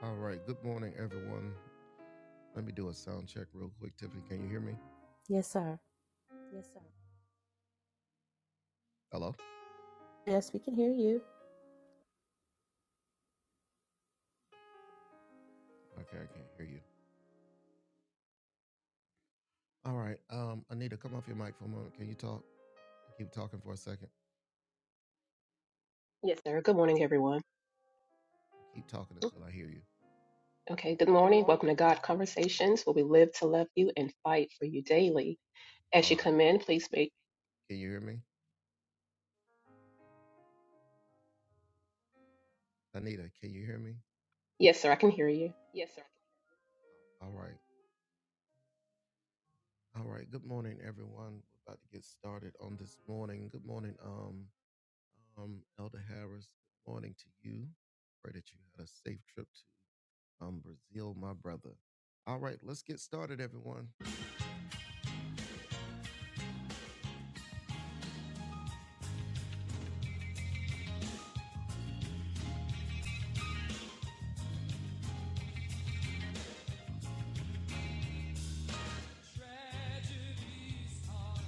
All right. Good morning, everyone. Let me do a sound check real quick. Tiffany, can you hear me? Yes, sir. Hello? Yes, we can hear you. Okay, I can't hear you. All right. Um, Anita, come off your mic for a moment. Can you talk? Keep talking for a second. Yes, sir. Good morning, everyone. Keep talking until I hear you. Okay, good morning. Welcome to God Conversations, where we live to love you and fight for you daily. As you come in, please make. Can you hear me? Anita, can you hear me? Yes, sir, I can hear you. All right. All right. Good morning, everyone. We're about to get started on this morning. Good morning, um, um, Elder Harris. Good morning to you. Pray that you had a safe trip to um Brazil, my brother. All right, let's get started, everyone. Tragedies are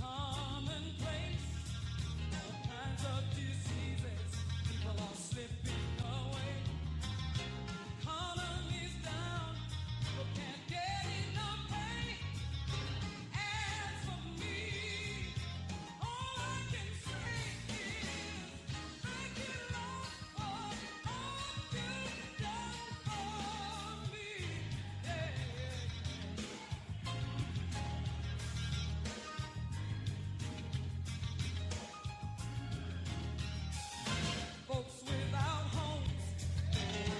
commonplace kinds of diseases. People are slipping away. Economy's down. People can't get enough pay. As for me, all I can say is thank you, Lord, for all you've done for me. Yeah. Folks without homes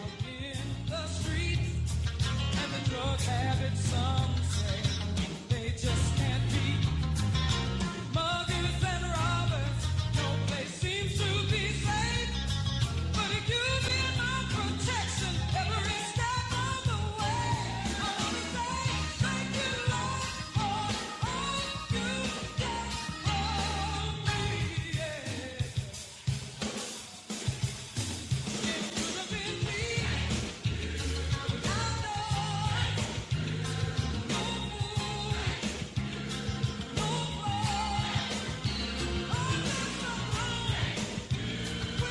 in the streets. And the drug habit, some say they just can't be muggers and robbers. No place seems to be safe, but if you be my protection, every step of the way, I wanna say thank you, Lord, for all you did for me. Yeah. It could have been me, but I know no fool, no fraud, all just a Thank you.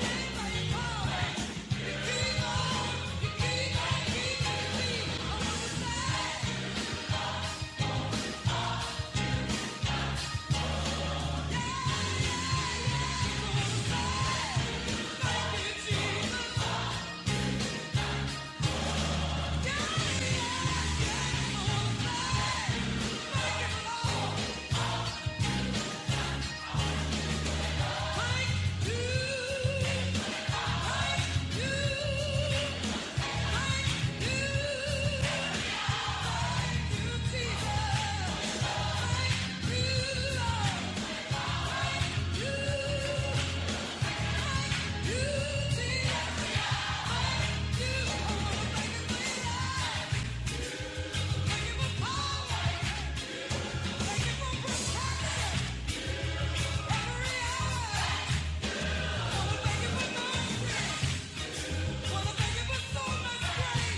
Thank you.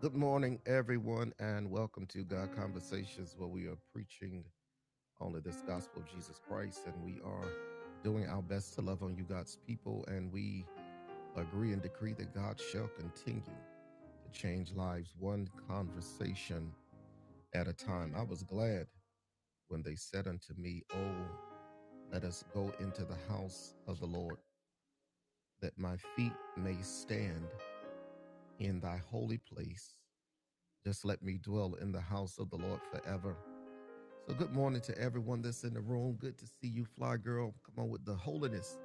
Good morning, everyone, and welcome to God Conversations, where we are preaching only this gospel of Jesus Christ, and we are doing our best to love on you, God's people, and we agree and decree that God shall continue to change lives one conversation at a time. I was glad when they said unto me, Oh, let us go into the house of the Lord, that my feet may stand in thy holy place. Just let me dwell in the house of the Lord forever. So, good morning to everyone that's in the room. Good to see you, Fly Girl. Come on with the holiness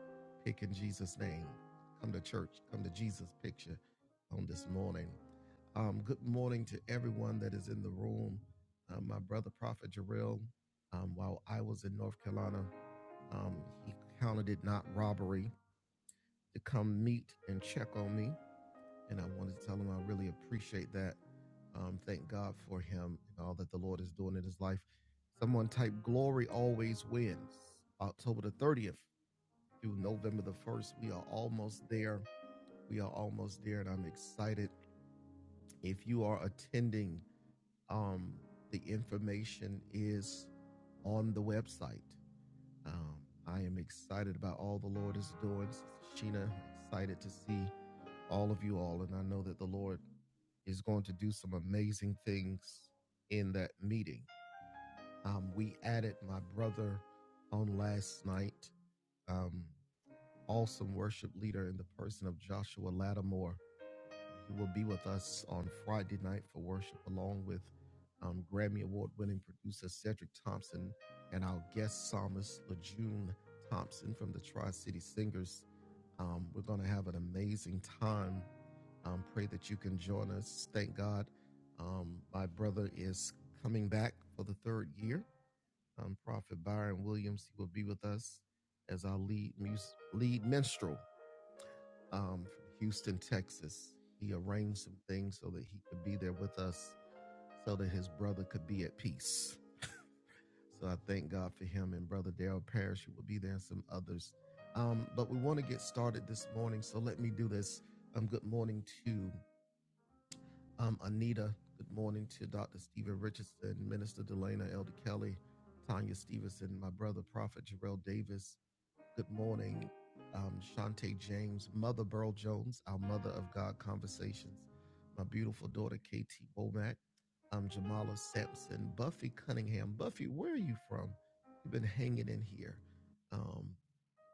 pick in Jesus' name. Come to church, come to Jesus' picture on this morning. Um, good morning to everyone that is in the room. Um, my brother, Prophet Jarrell, um, while I was in North Carolina, um, he counted it not robbery to come meet and check on me. And I wanted to tell him I really appreciate that. Um, thank God for him and all that the Lord is doing in his life. Someone type Glory Always Wins, October the 30th through November the 1st. We are almost there. We are almost there, and I'm excited. If you are attending, um, the information is on the website. Um, I am excited about all the Lord is doing. Sheena, excited to see all of you all. And I know that the Lord is going to do some amazing things in that meeting. Um, we added my brother on last night, um, awesome worship leader in the person of Joshua Lattimore who will be with us on Friday night for worship, along with um, Grammy Award winning producer Cedric Thompson and our guest psalmist LaJune Thompson from the Tri City Singers. Um, we're going to have an amazing time. Um, pray that you can join us. Thank God. Um, my brother is coming back for the third year. Um, Prophet Byron Williams, he will be with us as our lead, mus- lead minstrel um, from Houston, Texas. He arranged some things so that he could be there with us, so that his brother could be at peace. So I thank God for him and Brother Daryl Parrish, who will be there, and some others. Um, but we want to get started this morning, so let me do this. Um, good morning to um, Anita. Good morning to Dr. Stephen Richardson, Minister Delana, Elder Kelly, Tanya Stevenson, my brother, Prophet Jarrell Davis. Good morning, um, Shantae James, Mother Burl Jones, our Mother of God Conversations, my beautiful daughter, KT Womack, um, Jamala Sampson, Buffy Cunningham. Buffy, where are you from? You've been hanging in here. Um,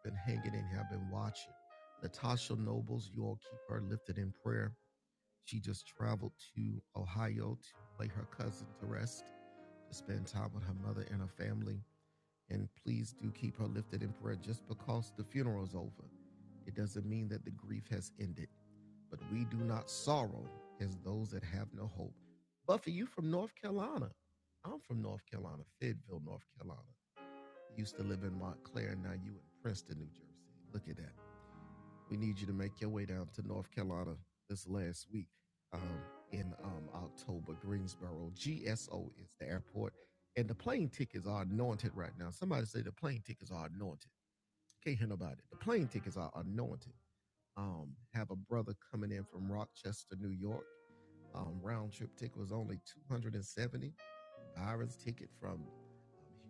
been hanging in here. I've been watching. Natasha Nobles, you all keep her lifted in prayer. She just traveled to Ohio to lay her cousin to rest, to spend time with her mother and her family. And please do keep her lifted in prayer. Just because the funeral is over, it doesn't mean that the grief has ended. But we do not sorrow as those that have no hope. Buffy, you from North Carolina. I'm from North Carolina, Fayetteville, North Carolina. Used to live in Montclair, now you in Princeton, New Jersey. Look at that we need you to make your way down to North Carolina this last week um, in um, October, Greensboro. GSO is the airport, and the plane tickets are anointed right now. Somebody say the plane tickets are anointed. Can't hear nobody. The plane tickets are anointed. Um, have a brother coming in from Rochester, New York. Um, round trip ticket was only 270. Byron's ticket from um,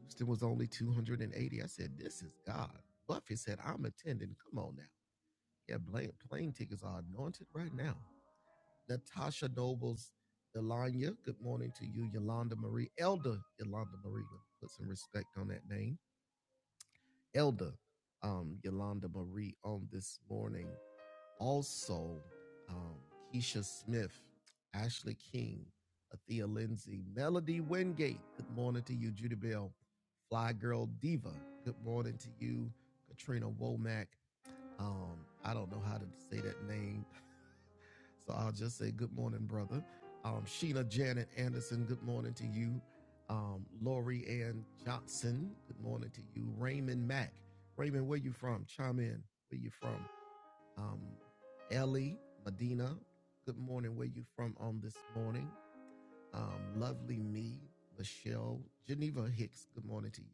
Houston was only 280. I said, This is God. Buffy said, I'm attending. Come on now. Yeah, plane, tickets are anointed right now. Natasha Nobles, Delanya, good morning to you. Yolanda Marie, Elder Yolanda Marie, put some respect on that name. Elder um, Yolanda Marie on this morning. Also, um, Keisha Smith, Ashley King, Athea Lindsay, Melody Wingate, good morning to you. Judy Bell, Fly Girl Diva, good morning to you. Katrina Womack, um, I don't know how to say that name. So I'll just say good morning, brother. Um, Sheena Janet Anderson, good morning to you. Um, Lori Ann Johnson, good morning to you. Raymond Mack, Raymond, where you from? Chime in. Where you from? Um, Ellie Medina, good morning. Where you from on this morning? Um, lovely me, Michelle Geneva Hicks, good morning to you.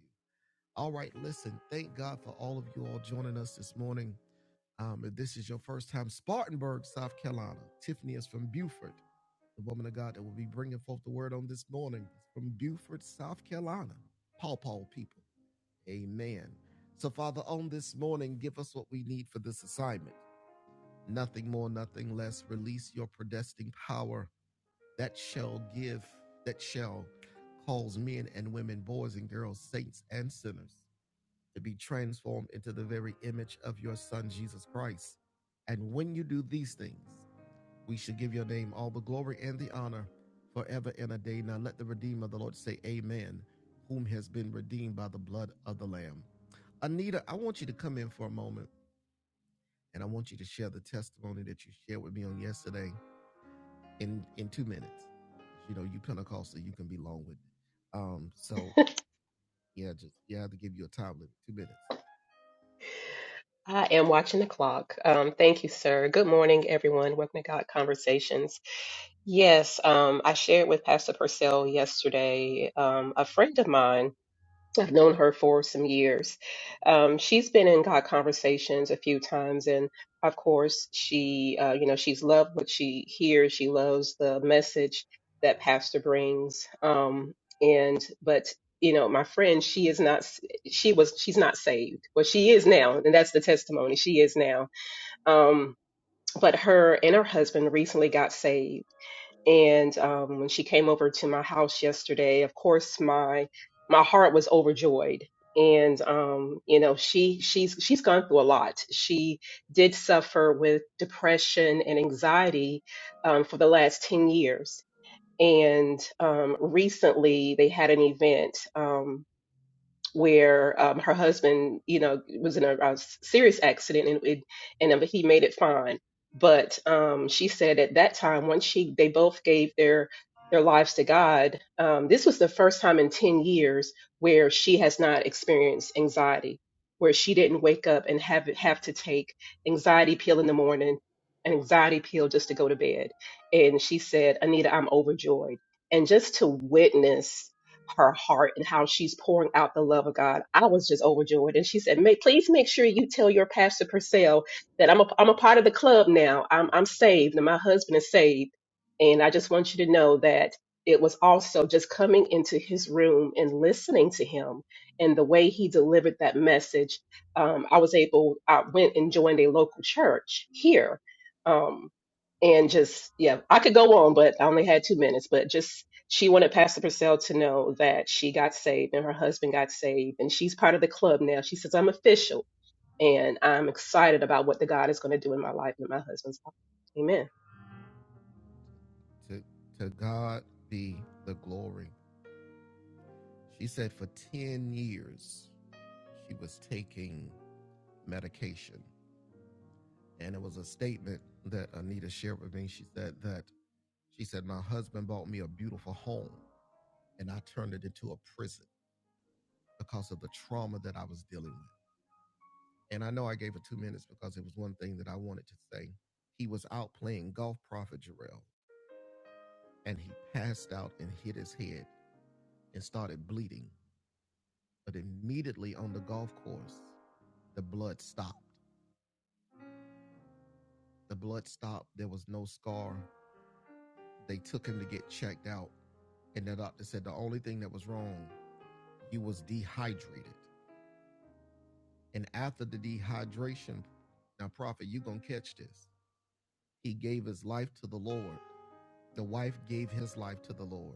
All right, listen, thank God for all of you all joining us this morning. Um, if this is your first time, Spartanburg, South Carolina, Tiffany is from Beaufort, the woman of God that will be bringing forth the word on this morning is from Beaufort, South Carolina. Paw Paw people. Amen. So, Father, on this morning, give us what we need for this assignment. Nothing more, nothing less. Release your predestined power that shall give, that shall cause men and women, boys and girls, saints and sinners to be transformed into the very image of your Son, Jesus Christ. And when you do these things, we should give your name all the glory and the honor forever and a day. Now let the Redeemer of the Lord say, Amen, whom has been redeemed by the blood of the Lamb. Anita, I want you to come in for a moment and I want you to share the testimony that you shared with me on yesterday in, in two minutes. You know, you Pentecostal, you can be long winded Um, so yeah, just yeah, I have to give you a time limit, two minutes. I am watching the clock. Um, thank you, sir. Good morning, everyone. Welcome to God Conversations. Yes, um, I shared with Pastor Purcell yesterday. Um, a friend of mine I've known her for some years. Um, she's been in God conversations a few times, and of course, she, uh, you know, she's loved what she hears. She loves the message that Pastor brings. Um, and but you know, my friend, she is not. She was. She's not saved. Well, she is now, and that's the testimony. She is now. Um, but her and her husband recently got saved and um, when she came over to my house yesterday of course my my heart was overjoyed and um, you know she she's she's gone through a lot she did suffer with depression and anxiety um, for the last 10 years and um, recently they had an event Um, where um, her husband, you know, was in a, a serious accident and it, and um, he made it fine. But um, she said at that time, once she they both gave their their lives to God, um, this was the first time in ten years where she has not experienced anxiety, where she didn't wake up and have have to take anxiety pill in the morning, an anxiety pill just to go to bed. And she said, Anita, I'm overjoyed, and just to witness her heart and how she's pouring out the love of God. I was just overjoyed. And she said, "Make please make sure you tell your pastor Purcell that I'm a I'm a part of the club now. I'm I'm saved and my husband is saved. And I just want you to know that it was also just coming into his room and listening to him and the way he delivered that message. Um, I was able, I went and joined a local church here. Um, and just yeah i could go on but i only had two minutes but just she wanted Pastor Purcell to know that she got saved and her husband got saved, and she's part of the club now. She says, I'm official and I'm excited about what the God is going to do in my life and in my husband's life. Amen. To to God be the glory. She said for 10 years she was taking medication. And it was a statement that Anita shared with me. She said that she said, My husband bought me a beautiful home and I turned it into a prison because of the trauma that I was dealing with. And I know I gave her two minutes because it was one thing that I wanted to say. He was out playing golf, Prophet Jarrell, and he passed out and hit his head and started bleeding. But immediately on the golf course, the blood stopped. The blood stopped. There was no scar. They took him to get checked out. And the doctor said the only thing that was wrong, he was dehydrated. And after the dehydration, now, prophet, you're going to catch this. He gave his life to the Lord. The wife gave his life to the Lord.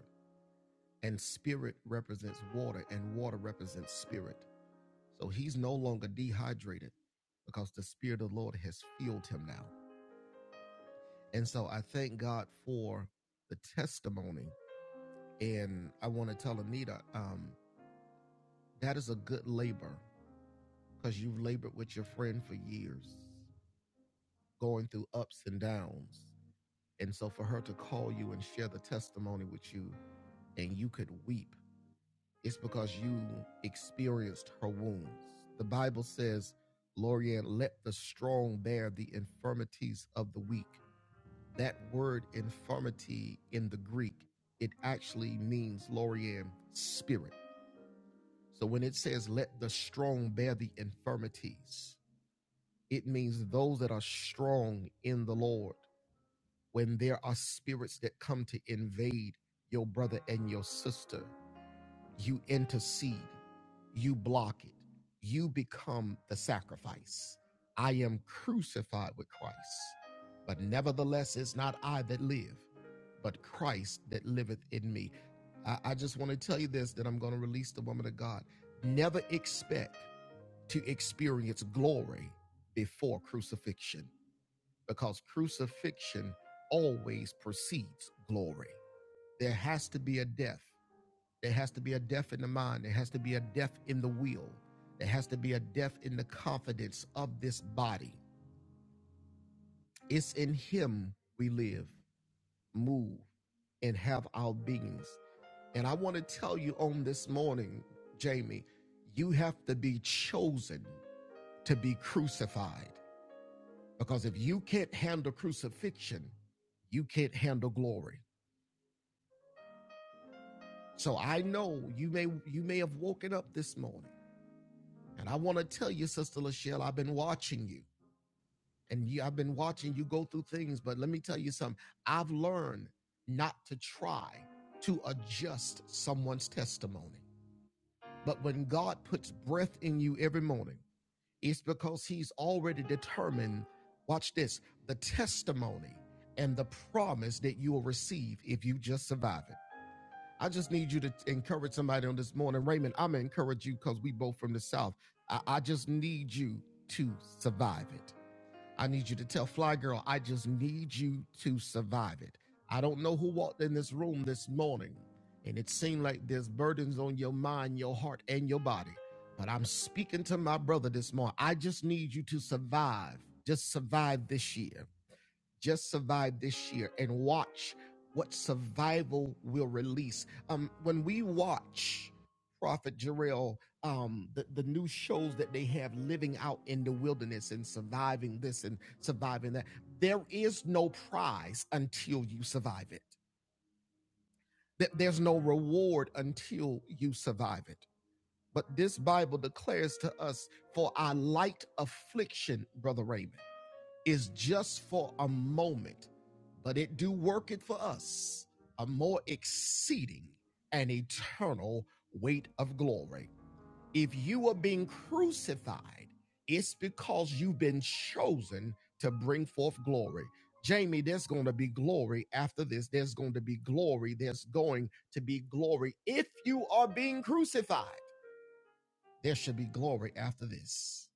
And spirit represents water, and water represents spirit. So he's no longer dehydrated because the spirit of the Lord has filled him now. And so I thank God for the testimony. And I want to tell Anita, um, that is a good labor because you've labored with your friend for years, going through ups and downs. And so for her to call you and share the testimony with you, and you could weep, it's because you experienced her wounds. The Bible says, Lorian, let the strong bear the infirmities of the weak that word infirmity in the Greek, it actually means Lorian spirit. So when it says, let the strong bear the infirmities, it means those that are strong in the Lord. When there are spirits that come to invade your brother and your sister, you intercede, you block it, you become the sacrifice. I am crucified with Christ, but nevertheless, it's not I that live, but Christ that liveth in me. I, I just want to tell you this that I'm going to release the woman of God. Never expect to experience glory before crucifixion, because crucifixion always precedes glory. There has to be a death there has to be a death in the mind. There has to be a death in the will. There has to be a death in the confidence of this body. It's in Him we live, move, and have our beings. And I want to tell you on this morning, Jamie, you have to be chosen to be crucified. Because if you can't handle crucifixion, you can't handle glory. So I know you may you may have woken up this morning. And I want to tell you, Sister Lachelle, I've been watching you. and you, I've been watching you go through things, but let me tell you something. I've learned not to try to adjust someone's testimony. But when God puts breath in you every morning, it's because He's already determined, watch this, the testimony and the promise that you will receive if you just survive it. I just need you to encourage somebody on this morning. Raymond, I'm going to encourage you because we both from the South. I, I just need you to survive it. I need you to tell Fly Girl, I just need you to survive it. I don't know who walked in this room this morning, and it seemed like there's burdens on your mind, your heart, and your body. But I'm speaking to my brother this morning. I just need you to survive. Just survive this year. Just survive this year and watch what survival will release. Um, when we watch Prophet Jarrell, um, the, the new shows that they have living out in the wilderness and surviving this and surviving that, there is no prize until you survive it. Th- There's no reward until you survive it. But this Bible declares to us for our light affliction, Brother Raymond is just for a moment, but it do work it for us a more exceeding and eternal weight of glory. If you are being crucified, it's because you've been chosen to bring forth glory. Jamie, there's going to be glory after this. There's going to be glory. There's going to be glory. If you are being crucified, there should be glory after this.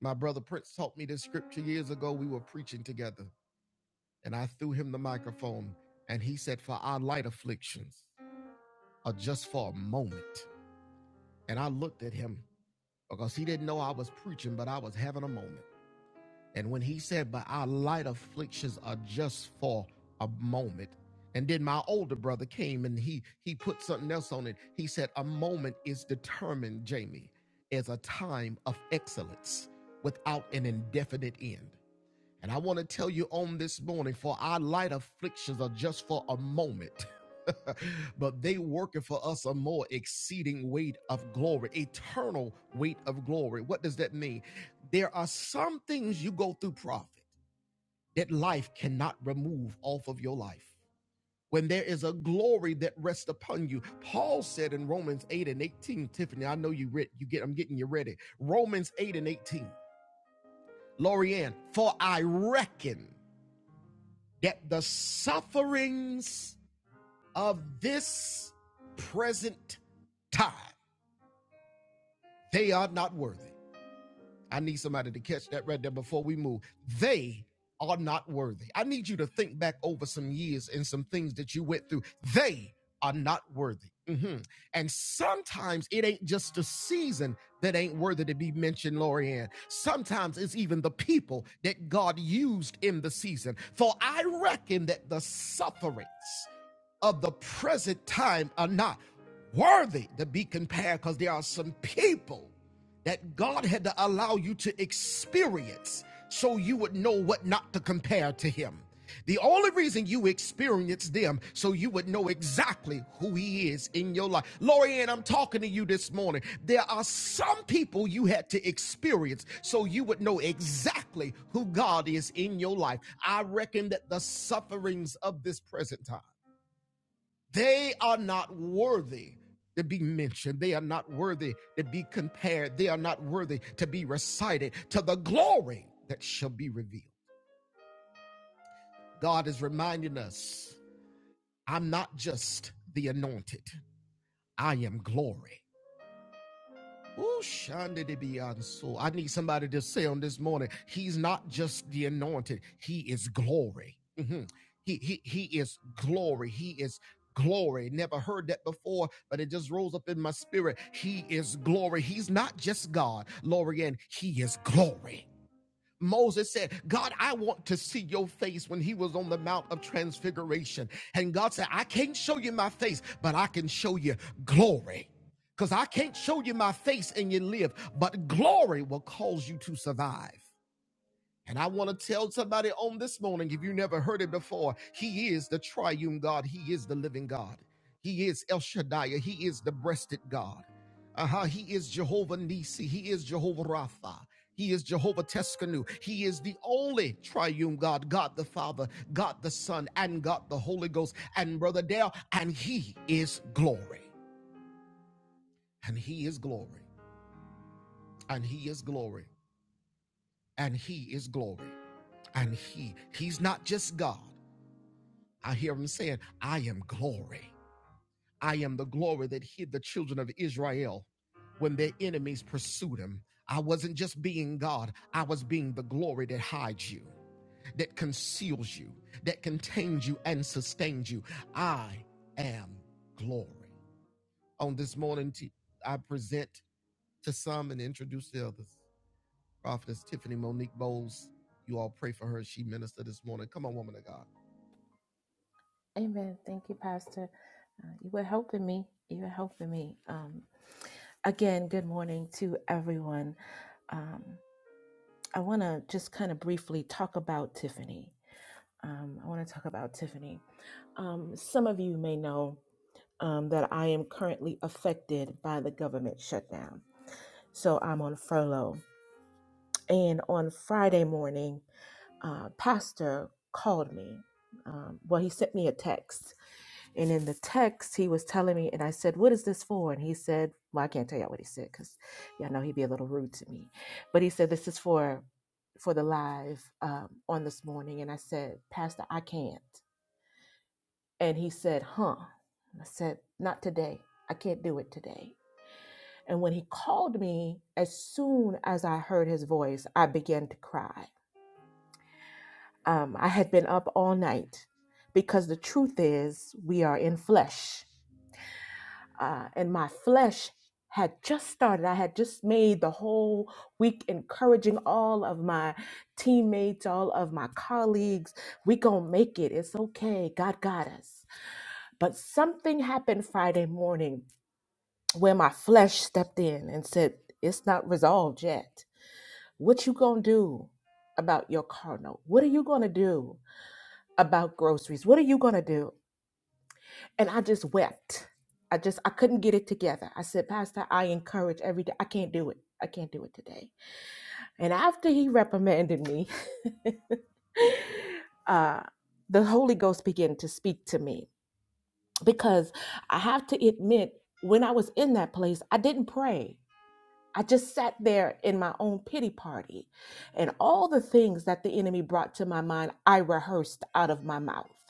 My brother Prince taught me this scripture years ago. We were preaching together and I threw him the microphone, and he said, For our light afflictions are just for a moment. And I looked at him because he didn't know I was preaching, but I was having a moment. And when he said, But our light afflictions are just for a moment. And then my older brother came and he he put something else on it. He said, A moment is determined, Jamie, as a time of excellence without an indefinite end. And I want to tell you on this morning, for our light afflictions are just for a moment. but they working for us a more exceeding weight of glory, eternal weight of glory. What does that mean? There are some things you go through, prophet, that life cannot remove off of your life. When there is a glory that rests upon you, Paul said in Romans 8 and 18, Tiffany, I know you read, you get, I'm getting you ready. Romans 8 and 18, Lorianne, for I reckon that the sufferings of this present time, they are not worthy. I need somebody to catch that right there before we move. They are not worthy. I need you to think back over some years and some things that you went through. They are not worthy. Mhm. And sometimes it ain't just the season that ain't worthy to be mentioned, Lorianne. Sometimes it's even the people that God used in the season. For I reckon that the sufferings of the present time are not worthy to be compared because there are some people that God had to allow you to experience so you would know what not to compare to Him. The only reason you experienced them so you would know exactly who He is in your life. Lori Ann, I'm talking to you this morning. There are some people you had to experience so you would know exactly who God is in your life. I reckon that the sufferings of this present time they are not worthy to be mentioned. They are not worthy to be compared. They are not worthy to be recited to the glory that shall be revealed. God is reminding us I'm not just the anointed, I am glory. Ooh, Shonda de bianso. I need somebody to say on this morning, he's not just the anointed, he is glory. Mhm. He, he, he is glory. He is glory. Never heard that before, but it just rose up in my spirit. He is glory. He's not just God, Lorian, he is glory. Moses said, God, I want to see your face when he was on the Mount of Transfiguration. And God said, I can't show you my face, but I can show you glory. Because I can't show you my face and you live, but glory will cause you to survive. And I want to tell somebody on this morning, if you never heard it before, He is the triune God. He is the living God. He is El Shaddai. He is the breasted God. Uh-huh. He is Jehovah Nisi. He is Jehovah Rapha. He is Jehovah Teskanu. He is the only triune God, God the Father, God the Son, and God the Holy Ghost. And Brother Dale, and He is glory. And He is glory. And He is glory. And He is glory. And He, He's not just God. I hear him saying, I am glory. I am the glory that hid the children of Israel when their enemies pursued them. I wasn't just being God, I was being the glory that hides you, that conceals you, that contains you and sustains you. I am glory. On this morning, t- I present to some and introduce to others. Prophetess Tiffany Monique Bowles. You all pray for her. She ministered this morning. Come on, woman of God. Amen. Thank you, Pastor. Uh, you were helping me. You were helping me. Um, again, good morning to everyone. Um, I want to just kind of briefly talk about Tiffany. Um, I want to talk about Tiffany. Um, some of you may know um, that I am currently affected by the government shutdown. So I'm on furlough. And on Friday morning, uh, pastor called me. Um, well, he sent me a text And in the text, he was telling me, and I said, What is this for? And he said, Well, I can't tell y'all what he said because y'all know he'd be a little rude to me. But he said, This is for for the live um, on this morning. And I said, Pastor, I can't. And he said, Huh. And I said, Not today. I can't do it today. And when he called me, as soon as I heard his voice, I began to cry. Um, I had been up all night because the truth is, we are in flesh uh, and my flesh had just started. I had just made the whole week encouraging all of my teammates, all of my colleagues. We gonna make it. It's okay. God got us. But something happened Friday morning where my flesh stepped in and said, "It's not resolved yet. What you gonna do?" About your car note? What are you gonna do about groceries? What are you gonna do? and I just wept. I just I couldn't get it together. I said, Pastor, I encourage every day. I can't do it. I can't do it today. And after he reprimanded me, uh, the Holy Ghost began to speak to me because I have to admit, when I was in that place, I didn't pray. I just sat there in my own pity party, and all the things that the enemy brought to my mind, I rehearsed out of my mouth.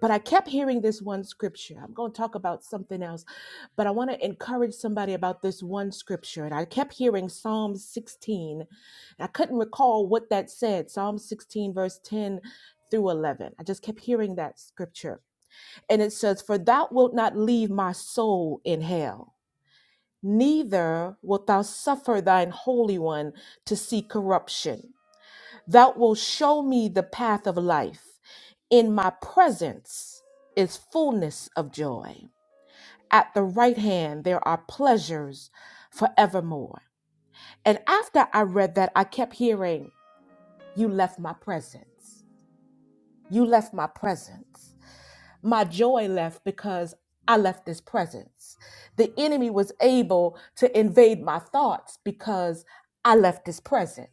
But I kept hearing this one scripture. I'm going to talk about something else, but I want to encourage somebody about this one scripture. And I kept hearing Psalm 16. and I couldn't recall what that said. Psalm 16, verse 10 through 11. I just kept hearing that scripture. And it says, For thou wilt not leave my soul in hell, neither wilt thou suffer thine holy one to see corruption. Thou wilt show me the path of life. In my presence is fullness of joy. At the right hand, there are pleasures forevermore. And after I read that, I kept hearing, You left my presence. You left my presence. My joy left because I left this presence. The enemy was able to invade my thoughts because I left this presence.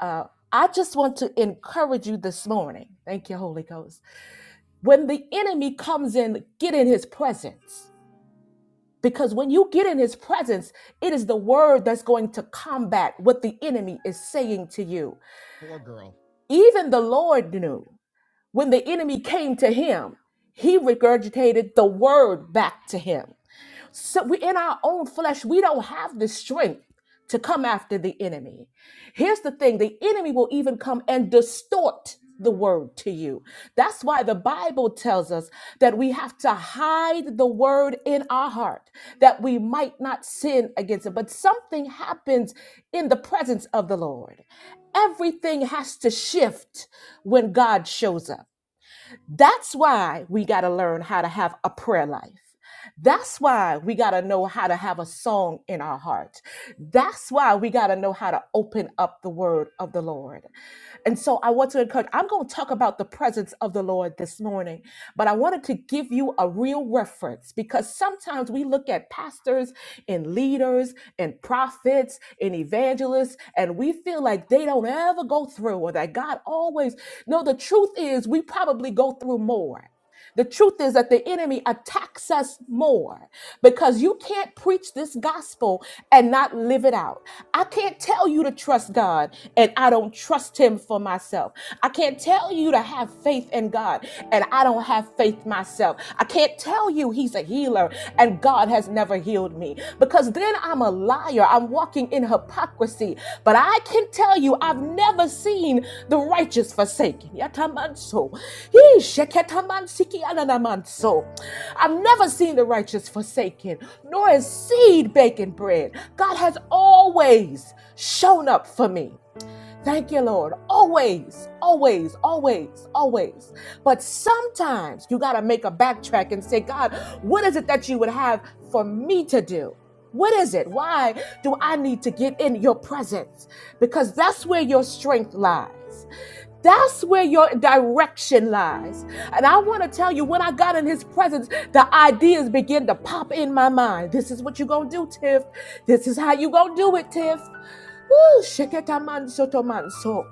Uh, I just want to encourage you this morning. Thank you, Holy Ghost when the enemy comes in, get in his presence. Because when you get in his presence, it is the word that's going to combat what the enemy is saying to you. Poor girl. Even the Lord knew when the enemy came to him, he regurgitated the word back to him. So we in our own flesh, we don't have the strength to come after the enemy. Here's the thing, the enemy will even come and distort the word to you. That's why the Bible tells us that we have to hide the word in our heart that we might not sin against it. But something happens in the presence of the Lord. Everything has to shift when God shows up. That's why we got to learn how to have a prayer life. That's why we got to know how to have a song in our heart. That's why we got to know how to open up the word of the Lord. And so I want to encourage, I'm going to talk about the presence of the Lord this morning, but I wanted to give you a real reference because sometimes we look at pastors and leaders and prophets and evangelists and we feel like they don't ever go through or that God always, no, the truth is we probably go through more. The truth is that the enemy attacks us more because you can't preach this gospel and not live it out. I can't tell you to trust God and I don't trust him for myself. I can't tell you to have faith in God and I don't have faith myself. I can't tell you he's a healer and God has never healed me me because then I'm a liar. I'm walking in hypocrisy. But I can tell you, I've never seen the righteous forsaken. Yatamanso. Yee, sheketamansiki ananamanso. I've never seen the righteous forsaken, nor is seed baking bread. God has always shown up for me. Thank you, Lord. Always, always, always, always. But sometimes you got to make a backtrack and say, God, what is it that you would have for me to do? What is it? Why do I need to get in your presence? Because that's where your strength lies. That's where your direction lies. And I want to tell you, when I got in his presence, the ideas begin to pop in my mind. This is what you're going to do, Tiff. This is how you're going to do it, Tiff. Ooh, sheketaman sotoman so.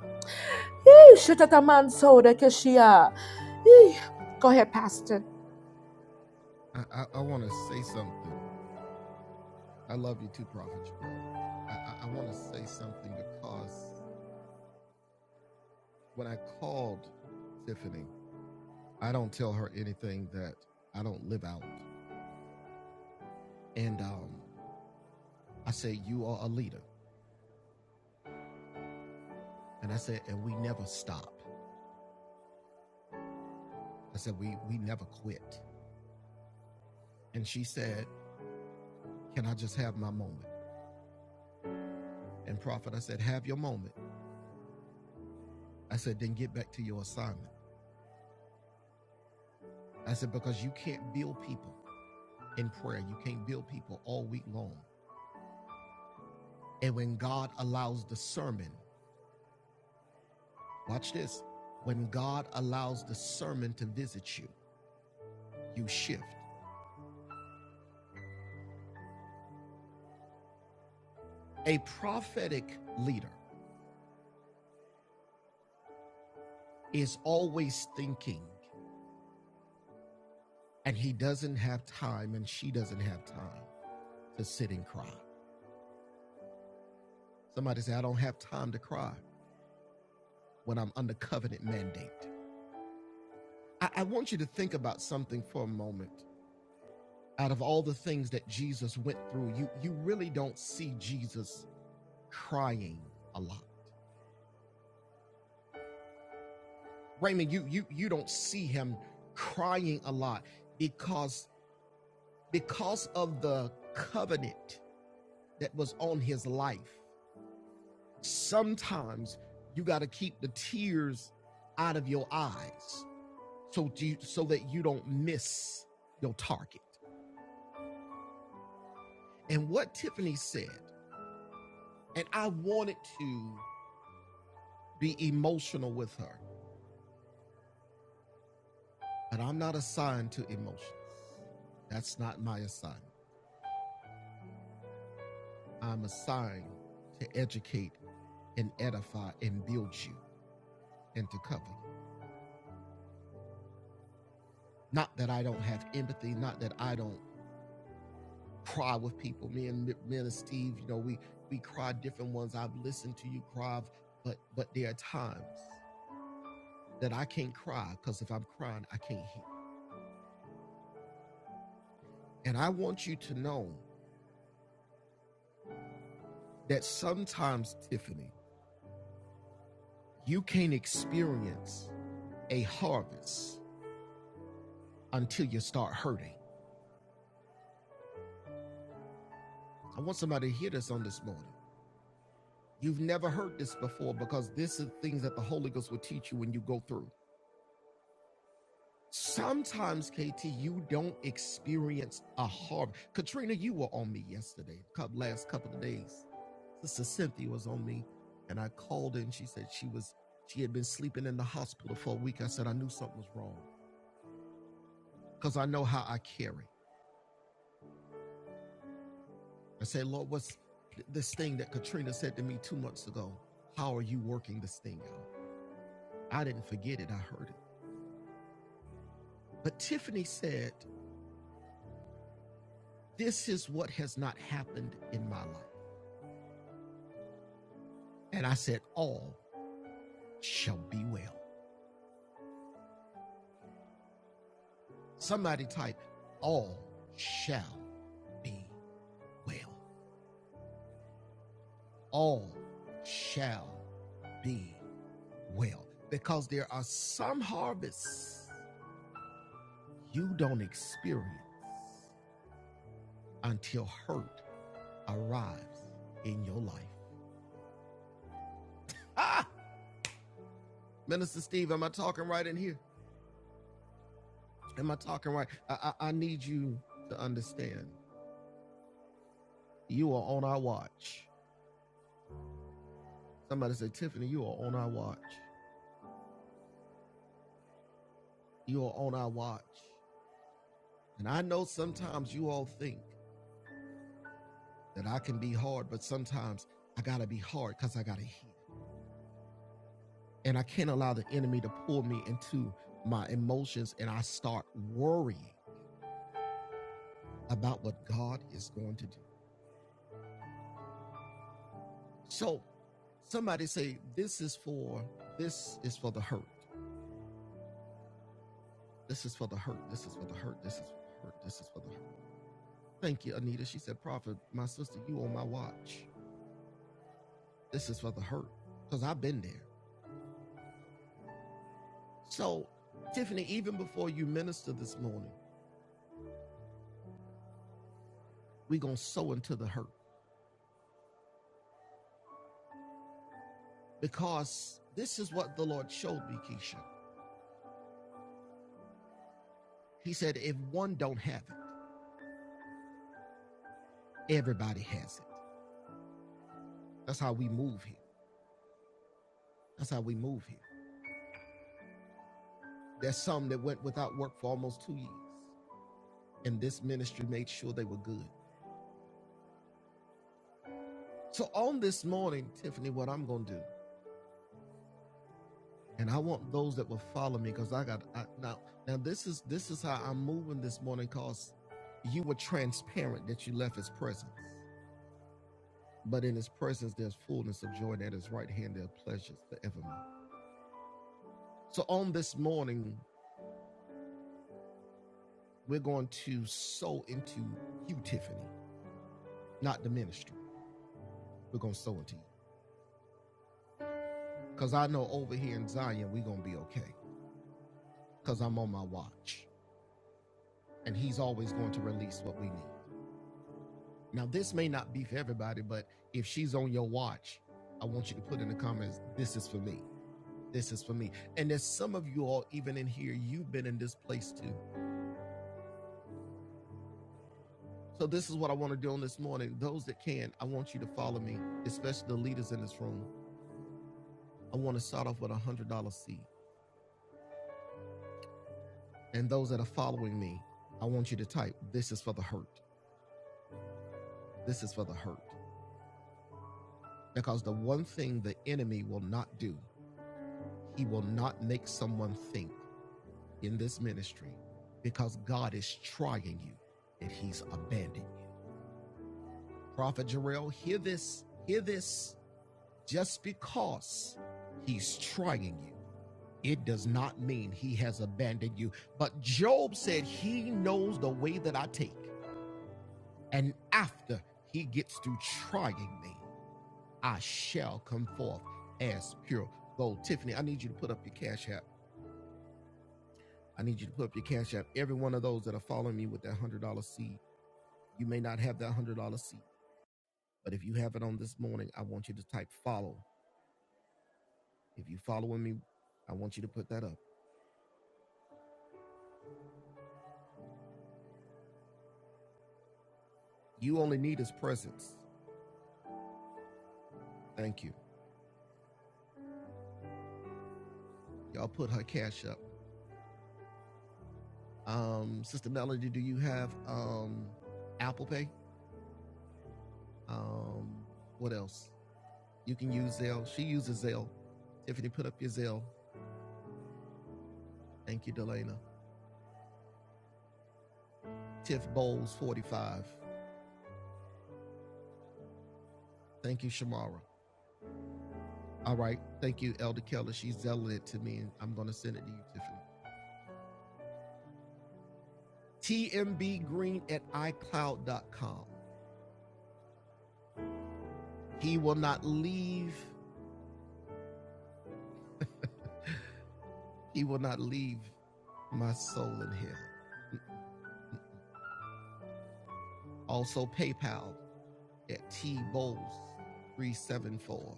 Yee, shatatamanso dekeshia. Yee. Go ahead, Pastor. I, I, I want to say something. I love you too, Prophet I, I, I want to say something because when I called Tiffany, I don't tell her anything that I don't live out. And um, I said, You are a leader. And I said, And we never stop. I said, we, we never quit. And she said, Can I just have my moment? And Prophet, I said, Have your moment. I said, Then get back to your assignment. I said, Because you can't build people in prayer, you can't build people all week long. And when God allows the sermon, Watch this. When God allows the sermon to visit you, you shift. A prophetic leader is always thinking, and he doesn't have time, and she doesn't have time to sit and cry. Somebody say, I don't have time to cry when I'm under covenant mandate. I, I want you to think about something for a moment. Out of all the things that Jesus went through, you, you really don't see Jesus crying a lot. Raymond, you you you don't see him crying a lot because because of the covenant that was on his life. Sometimes you got to keep the tears out of your eyes so you, so that you don't miss your target. And what Tiffany said, and I wanted to be emotional with her, but I'm not assigned to emotions. That's not my assignment. I'm assigned to educate and edify and build you and to cover you. Not that I don't have empathy, not that I don't cry with people. Me and me and Steve, you know, we we cry different ones. I've listened to you cry, but but there are times that I can't cry because if I'm crying, I can't hear. And I want you to know that sometimes, Tiffany, you can't experience a harvest until you start hurting. I want somebody to hear this on this morning. You've never heard this before because this is things that the Holy Ghost will teach you when you go through. Sometimes, KT, you don't experience a harvest. Katrina, you were on me yesterday, cou- last couple of days. Sister Cynthia was on me, and I called her and she said she was she had been sleeping in the hospital for a week. I said I knew something was wrong because I know how I carry. I said, Lord, what's this thing that Katrina said to me two months ago? How are you working this thing out? I didn't forget it. I heard it. But Tiffany said This is what has not happened in my life. And I said, All shall be well. Somebody type, All shall be well. All shall be well. Because there are some harvests you don't experience until hurt arrives in your life. Ah! Minister Steve, am I talking right in here? Am I talking right? I, I, I need you to understand. You are on our watch. Somebody say, Tiffany, you are on our watch. You are on our watch. And I know sometimes you all think that I can be hard, but sometimes I gotta be hard because I gotta heal. And I can't allow the enemy to pull me into my emotions and I start worrying about what God is going to do. So somebody say, This is for this is for the hurt. This is for the hurt. This is for the hurt. This is for the hurt. This is for the hurt. Thank you, Anita. She said, Prophet, my sister, you on my watch. This is for the hurt because I've been there. So, Tiffany, even before you minister this morning, we're going to sow into the hurt because this is what the Lord showed me, Keisha. He said, if one don't have it, everybody has it. That's how we move here. That's how we move here. There's some that went without work for almost two years, and this ministry made sure they were good. So, on this morning, Tiffany, what I'm going to do and I want those that will follow me because I got I, now. Now this is this is how I'm moving this morning because you were transparent that you left His presence, but in His presence there's fullness of joy. At His right hand there are pleasures forevermore. So on this morning we're going to sow into you, Tiffany, not the ministry. We're going to sow into you because I know over here in Zion we're going to be okay because I'm on my watch, and He's always going to release what we need. Now, this may not be for everybody, but if she's on your watch, I want you to put in the comments, this is for me. This is for me. And there's some of you all, even in here, you've been in this place too. So, this is what I want to do on this morning. Those that can, I want you to follow me, especially the leaders in this room. I want to start off with a $100 seed. And those that are following me, I want you to type, this is for the hurt. This is for the hurt. Because the one thing the enemy will not do, he will not make someone think in this ministry because God is trying you and he's abandoned you. Prophet Jarrell, hear this, hear this. Just because he's trying you, it does not mean he has abandoned you. But Job said he knows the way that I take. And after he gets through trying me, I shall come forth as pure gold. Tiffany, I need you to put up your cash app. I need you to put up your cash app. Every one of those that are following me with that $100 seed You may not have that $100 seat, but if you have it on this morning, I want you to type follow. If you are following me, I want you to put that up. You only need his presence. Thank you. Y'all put her cash up. Um, Sister Melody, do you have um, Apple Pay? Um, what else? You can use Zelle. She uses Zelle. Tiffany, put up your Zelle. Thank you, Delana. Tiff Bowles, 45. Thank you, Shamara. All right. Thank you, Elder Keller. She's zelling it to me, and I'm going to send it to you, Tiffany. tmbgreen at icloud.com. He will not leave, he will not leave my soul in hell. Also PayPal at tbowles374.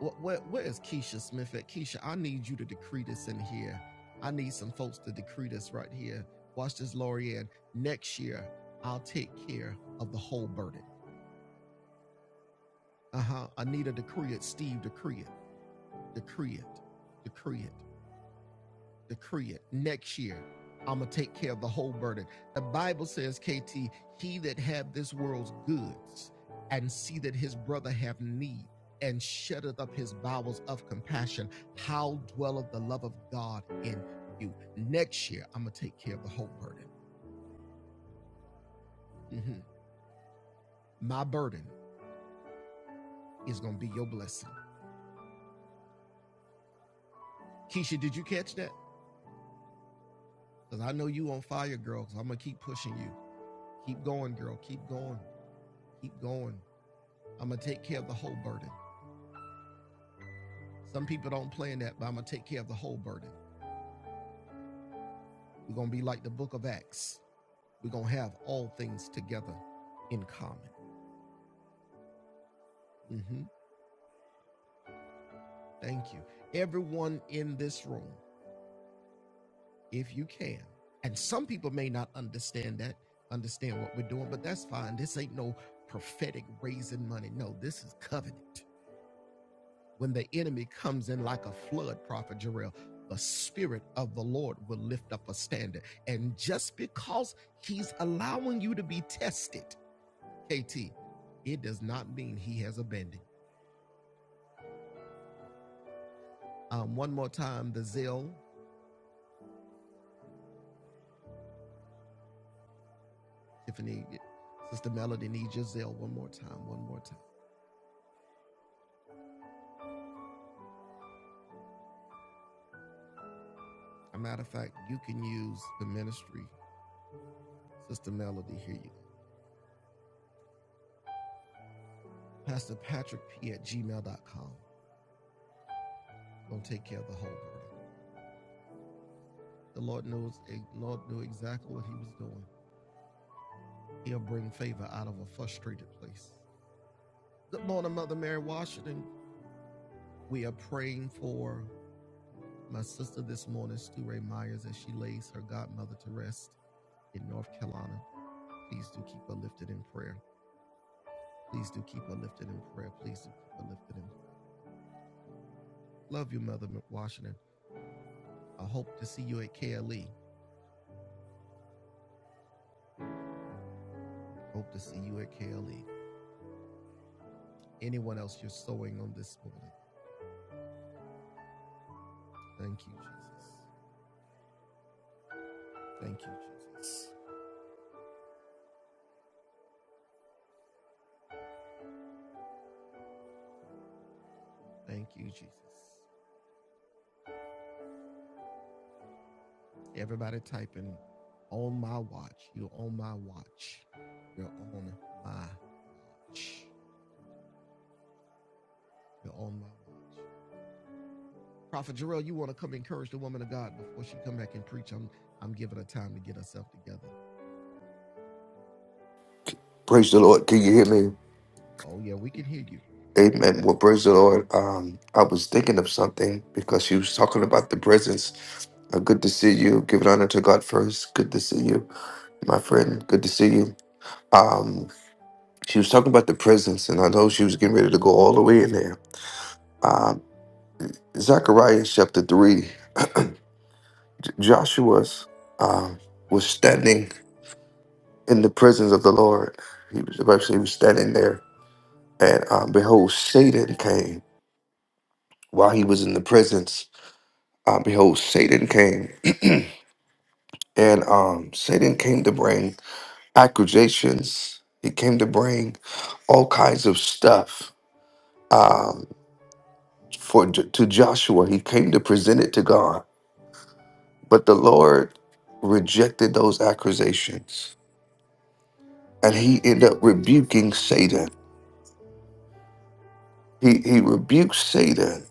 Where, where, where is Keisha Smith at? Keisha, I need you to decree this in here. I need some folks to decree this right here. Watch this, Lorianne. Next year, I'll take care of the whole burden. Uh huh. Anita, decree it. Steve, decree it. Decree it. Decree it. decree it next year. I'm gonna take care of the whole burden. The Bible says, KT, he that have this world's goods and see that his brother have need and shutteth up his bowels of compassion, how dwelleth the love of God in you? Next year, I'm gonna take care of the whole burden. Mhm. My burden is gonna be your blessing. Keisha, did you catch that? Because I know you on fire, girl. Because I'm gonna keep pushing you. Keep going, girl. Keep going. Keep going. I'm gonna take care of the whole burden. Some people don't play in that, but I'm going to take care of the whole burden. We're going to be like the book of Acts. We're going to have all things together in common. hmm Thank you. Everyone in this room, if you can, and some people may not understand that, understand what we're doing, but that's fine. This ain't no prophetic raising money. No, this is covenant. when the enemy comes in like a flood, Prophet Jarrell, the Spirit of the Lord will lift up a standard. And just because He's allowing you to be tested, KT, it does not mean He has abandoned. Um, one more time, the zeal, Tiffany, Sister Melody needs your zeal. One more time, one more time. A matter of fact, you can use the ministry, Sister Melody. Here you go. Pastor Patrick P at Gmail dot com. Gonna take care of the whole burden. The Lord knows the Lord knew exactly what he was doing. He'll bring favor out of a frustrated place. Good morning, Mother Mary Washington. We are praying for my sister this morning, Stu Ray Myers, as she lays her godmother to rest in North Carolina. Please do keep her lifted in prayer. Please do keep her lifted in prayer. Please do keep her lifted in prayer. Love you, Mother Washington. I hope to see you at KLE. Hope to see you at KLE. Anyone else you're sowing on this morning? Thank you, Jesus. Thank you, Jesus. Thank you, Jesus. Everybody typing on my watch. You're on my watch. You're on my watch. You're on my watch. Prophet Jarrell, you want to come encourage the woman of God before she come back and preach? I'm I'm giving her time to get herself together. Praise the Lord. Can you hear me? Oh yeah, we can hear you. Amen. Well, praise the Lord. Um, I was thinking of something because she was talking about the presence. Uh, good to see you. Give it honor to God first. Good to see you, my friend. Good to see you. Um, she was talking about the presence, and I know she was getting ready to go all the way in there. Um, Zechariah chapter three. J- Joshua's um was standing in the presence of the Lord. He was the Bible says he was standing there, and um, behold, Satan came while he was in the presence Uh, behold, Satan came, and um, Satan came to bring accusations. He came to bring all kinds of stuff um, for to Joshua. He came to present it to God, but the Lord rejected those accusations, and he ended up rebuking Satan. He he rebuked Satan,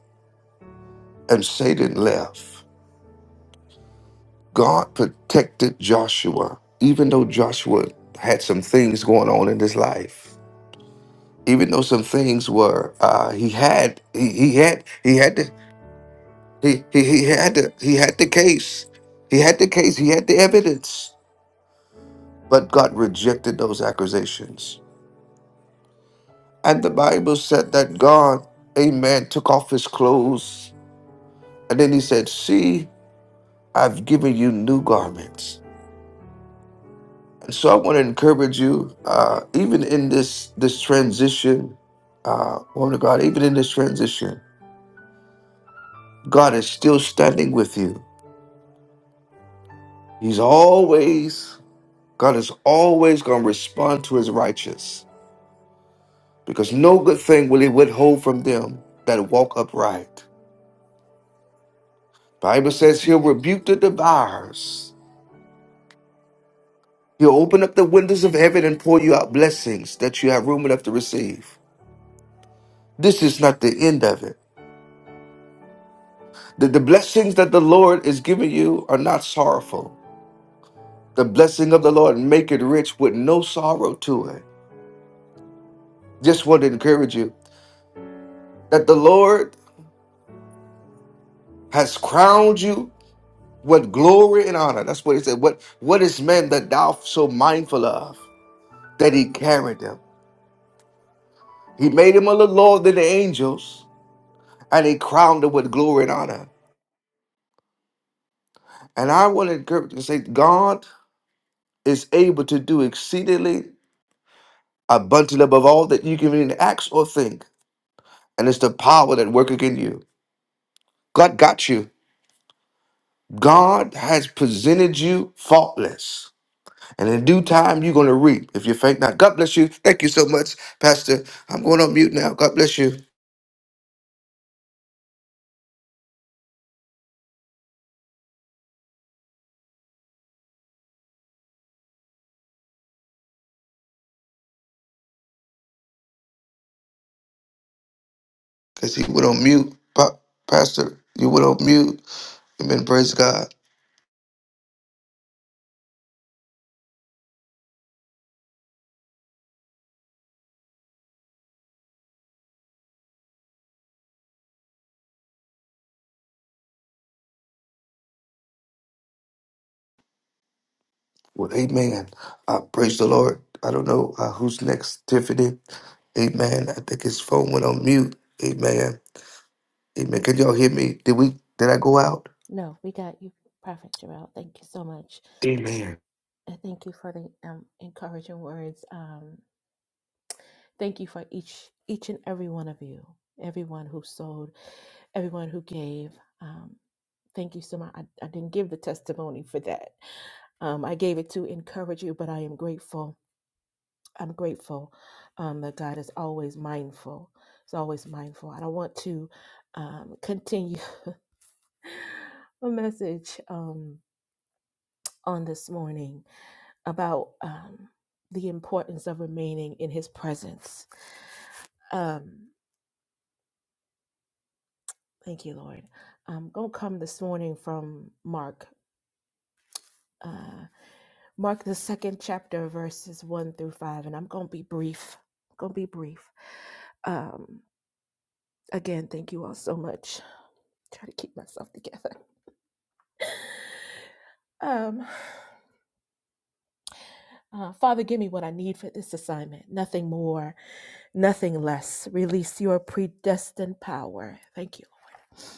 and Satan left. God protected Joshua, even though Joshua had some things going on in his life. even though some things were uh he had he, he had he had the he, he he had the he had the case he had the case he had the evidence but god rejected those accusations and the bible said that god amen took off his clothes and then he said see i've given you new garments and so i want to encourage you uh even in this this transition uh woman of god even in this transition god is still standing with you He's always, God is always going to respond to his righteous because no good thing will he withhold from them that walk upright. Bible says he'll rebuke the devourers. He'll open up the windows of heaven and pour you out blessings that you have room enough to receive. This is not the end of it. The, the blessings that the Lord is giving you are not sorrowful. The blessing of the Lord make it rich with no sorrow to it. Just want to encourage you that the Lord has crowned you What glory and honor. That's what he said. What what is man that thou so mindful of that he carried him? He made him a little lower than the angels, and he crowned him with glory and honor. And I want to encourage you to say, God is able to do exceedingly abundantly above all that you can even ask or think. And it's the power that work in you. God got you. God has presented you faultless. And in due time, you're going to reap if you faint not. God bless you. Thank you so much, Pastor. I'm going on mute now. God bless you. Because he went on mute. Pa- Pastor, you went on mute. Amen. Praise God. Well, amen. Uh, praise the Lord. I don't know uh, who's next, Tiffany. Amen. I think his phone went on mute. Amen. Amen. Can y'all hear me? Did we? Did I go out? Amen. Come this morning from Mark, Mark through be brief. power. Thank you, Lord.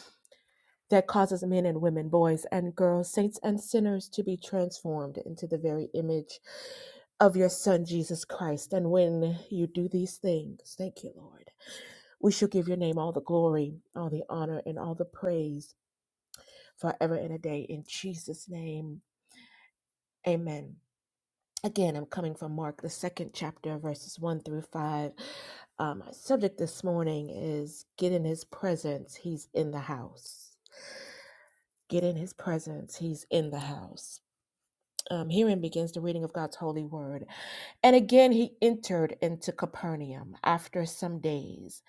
that causes men and women, boys and girls, saints and sinners to be transformed into the very image of your Son, Jesus Christ. And when you do these things, thank you, Lord, we shall give your name all the glory, all the honor, and all the praise forever and a day. In Jesus' name, amen. Again, I'm coming from Mark, the second chapter, verses 1 through 5. Um, my subject this morning is Get in His Presence, He's in the House. Get in His Presence, He's in the House. Um, herein begins the reading of God's holy word. And again he entered into Capernaum after some days,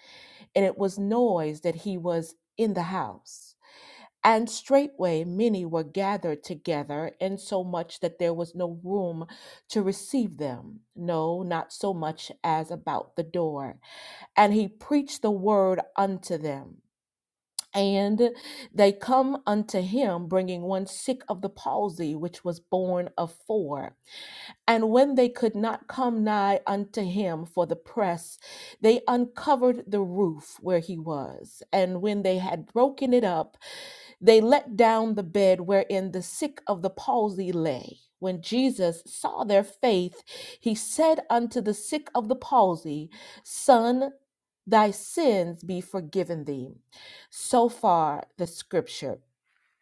and it was noised that he was in the house. And straightway many were gathered together, insomuch that there was no room to receive them, no, not so much as about the door. And he preached the word unto them. And they come unto him, bringing one sick of the palsy, which was born of four and when they could not come nigh unto him for the press, they uncovered the roof where he was. And when they had broken it up, they let down the bed wherein the sick of the palsy lay. When Jesus saw their faith, he said unto the sick of the palsy, Son, thy sins be forgiven thee. So far the scripture.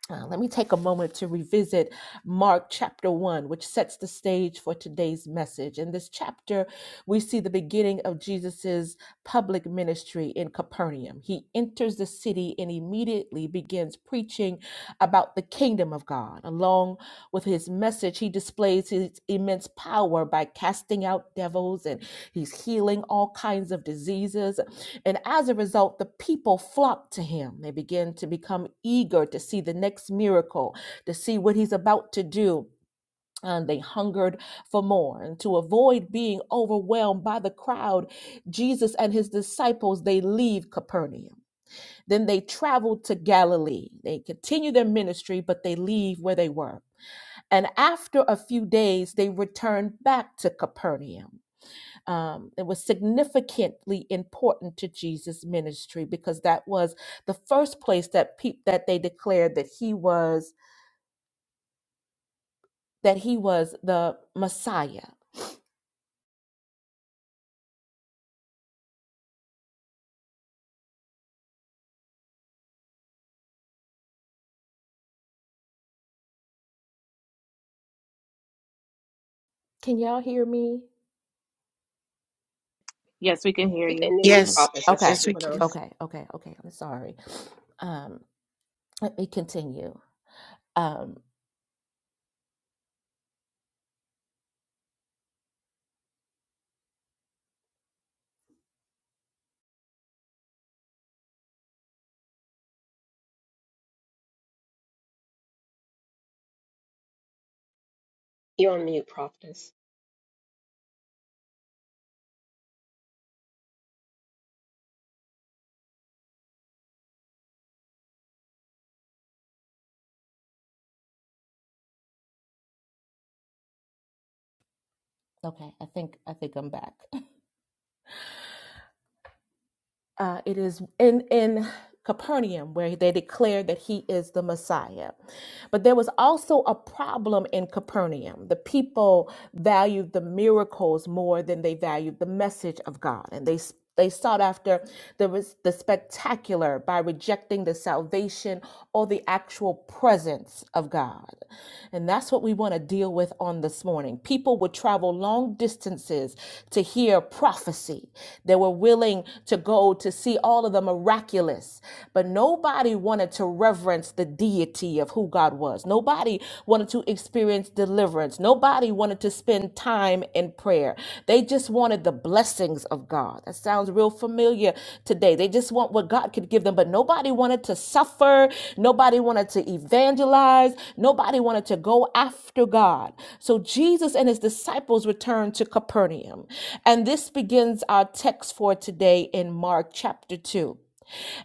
Uh, let me take a moment to revisit Mark chapter 1, which sets the stage for today's message. In this chapter, we see the beginning of Jesus' public ministry in Capernaum. He enters the city and immediately begins preaching about the kingdom of God. Along with his message, he displays his immense power by casting out devils and he's healing all kinds of diseases. And as a result, the people flock to him. They begin to become eager to see the next miracle, to see what he's about to do and they hungered for more and to avoid being overwhelmed by the crowd jesus and his disciples they leave capernaum then they travel to galilee they continue their ministry but they leave where they were and after a few days, they returned back to Capernaum. Um, it was significantly important to Jesus' ministry because that was the first place that pe- that they declared that he was that he was the Messiah. Can y'all hear me? Yes, we can hear We can you. now, Mm. Yes, prophetess. I think Okay. yes, you we want to, can. Okay. Okay. Okay. I'm sorry. Um, let me continue. Um, you're on mute, prophetess. okay. I think I think I'm back. uh, it is in in Capernaum where they declared that he is the Messiah. But there was also a problem in Capernaum. The people valued the miracles more than they valued the message of God, and they they sought after the res- the spectacular by rejecting the salvation or the actual presence of God. And that's what we want to deal with on this morning. People would travel long distances senses to hear prophecy. They were willing to go to see all of the miraculous, but nobody wanted to reverence the deity of who God was. Nobody wanted to experience deliverance. Nobody wanted to spend time in prayer. They just wanted the blessings of God. That sounds real familiar today. They just want what God could give them, but nobody wanted to suffer. Nobody wanted to evangelize baptized. Nobody wanted to go after God. So Jesus and his disciples returned to Capernaum. And this begins our text for today in Mark chapter 2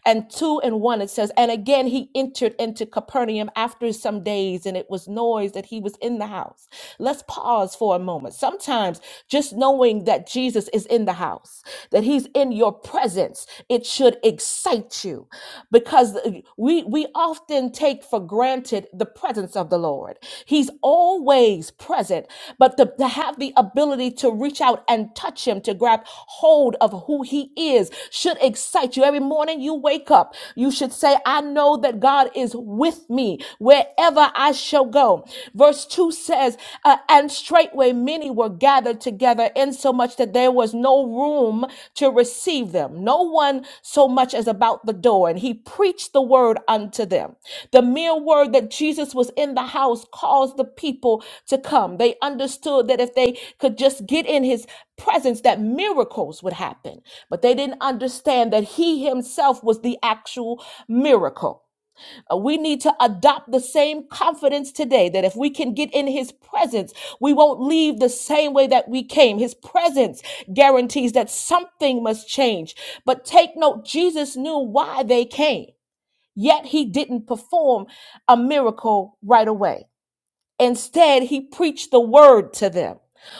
and 2 and 1 it says and again he entered into capernaum after some days and it was noise that he was in the house let's pause for a moment sometimes just knowing that jesus is in the house that he's in your presence presence. It should excite you because uh, we we often take for granted the presence of the Lord. He's always present, but to, to have the ability to reach out and touch him, to grab hold of who he is should excite you. Every morning you wake up, you should say, I know that God is with me wherever I shall go. Verse 2 says, uh, and straightway many were gathered together, insomuch that there was no room to receive them, no one so much as about the door. And he preached the word unto them. The mere word that Jesus was in the house caused the people to come. They understood that if they could just get in his presence, that miracles would happen. But they didn't understand that he himself was the actual miracle. Uh, We need to adopt the same confidence today that if we can get in his presence, we won't leave the same way that we came. His presence guarantees that something must change. But take note, Jesus knew why they came, yet he didn't perform a miracle right away. Instead, he preached the word to them.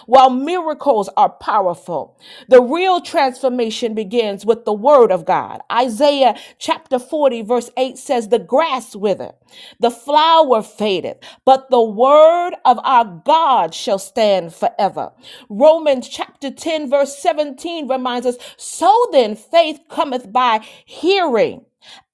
While miracles are powerful, the real transformation begins with the word of God. Isaiah chapter 40, verse 8 says, The grass withereth, the flower fadeth, but the word of our God shall stand forever. Romans chapter 10, verse 17 reminds us, So then faith cometh by hearing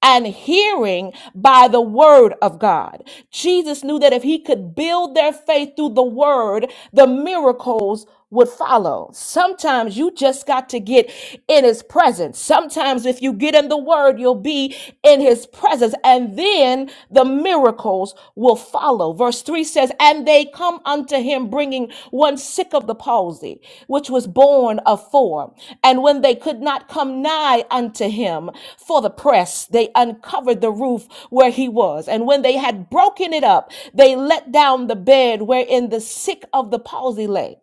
and hearing by the word of God. Jesus knew that if he could build their faith through the word, the miracles would follow. Sometimes you just got to get in his presence. Sometimes if you get in the word, you'll be in his presence and then the miracles will follow. Verse 3 says, "And they come unto him bringing one sick of the palsy." palsy, which was born of four. And when they could not come nigh unto him for the press, they uncovered the roof where he was. And when they had broken it up, they let down the bed wherein the sick of the palsy lay.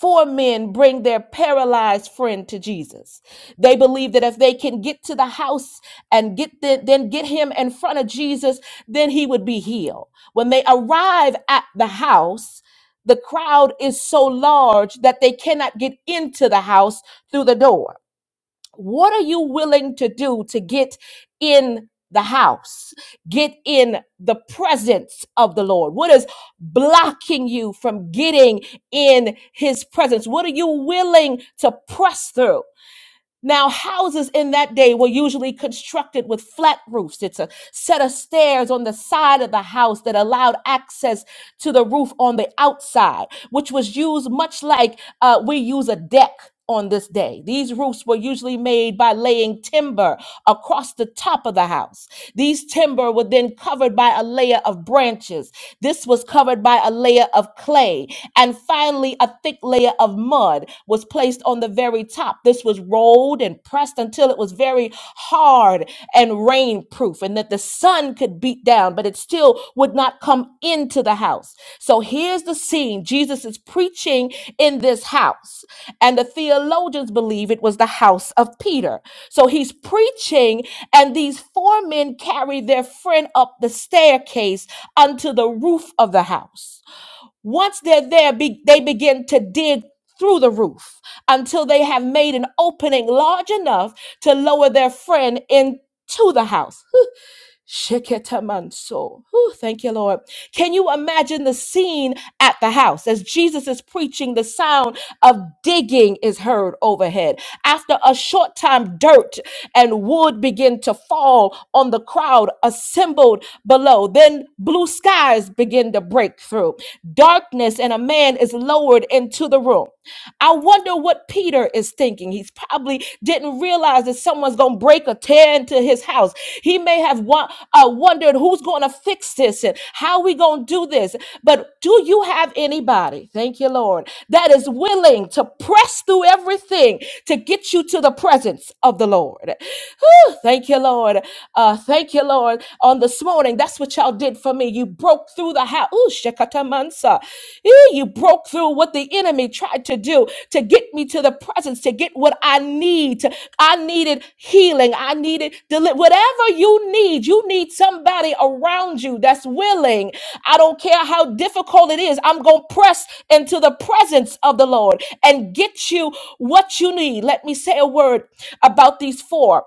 Four men bring their paralyzed friend to Jesus. They believe that if they can get to the house and get the, then get him in front of Jesus, then he would be healed. When they arrive at the house, the crowd is so large that they cannot get into the house through the door. What are you willing to do to get in the house? Get in the presence of the Lord. What is blocking you from getting in his presence? What are you willing to press through? Now, houses in that day were usually constructed with flat roofs. It's a set of stairs on the side of the house that allowed access to the roof on the outside, which was used much like uh, we use a deck on this day. These roofs were usually made by laying timber across the top of the house. These timber were then covered by a layer of branches. This was covered by a layer of clay. And finally, a thick layer of mud was placed on the very top. This was rolled and pressed until it was very hard and rain proof, and that the sun could beat down, but it still would not come into the house. So here's the scene Jesus is preaching in this house, and the theologians believe it was the house of Peter. So he's preaching, and these four men carry their friend up the staircase unto the roof of the house. Once they're there, be, they begin to dig through the roof until they have made an opening large enough to lower their friend into the house. Sheketamanso. Whew, Thank you, Lord. Can you imagine the scene at the house as Jesus is preaching? The sound of digging is heard overhead. After a short time, dirt and wood begin to fall on the crowd assembled below. Then blue skies begin to break through. Darkness and a man is lowered into the room. I wonder what Peter is thinking. He's probably didn't realize that someone's going to break a tear into his house. He may have wa- uh, wondered who's going to fix this and how we going to do this. But do you have anybody, thank you, Lord, that is willing to press through everything to get you to the presence of the Lord? Whew, thank you, Lord. Uh, thank you, Lord. On this morning, that's what y'all did for me. You broke through the house. Ooh, Shekata Mansa. Eh, You broke through what the enemy tried to do to get me to the presence, to get what I need. To, I needed healing. I needed deli- whatever you need. You need somebody around you that's willing. I don't care how difficult it is. I'm going to press into the presence of the Lord and get you what you need. Let me say a word about these four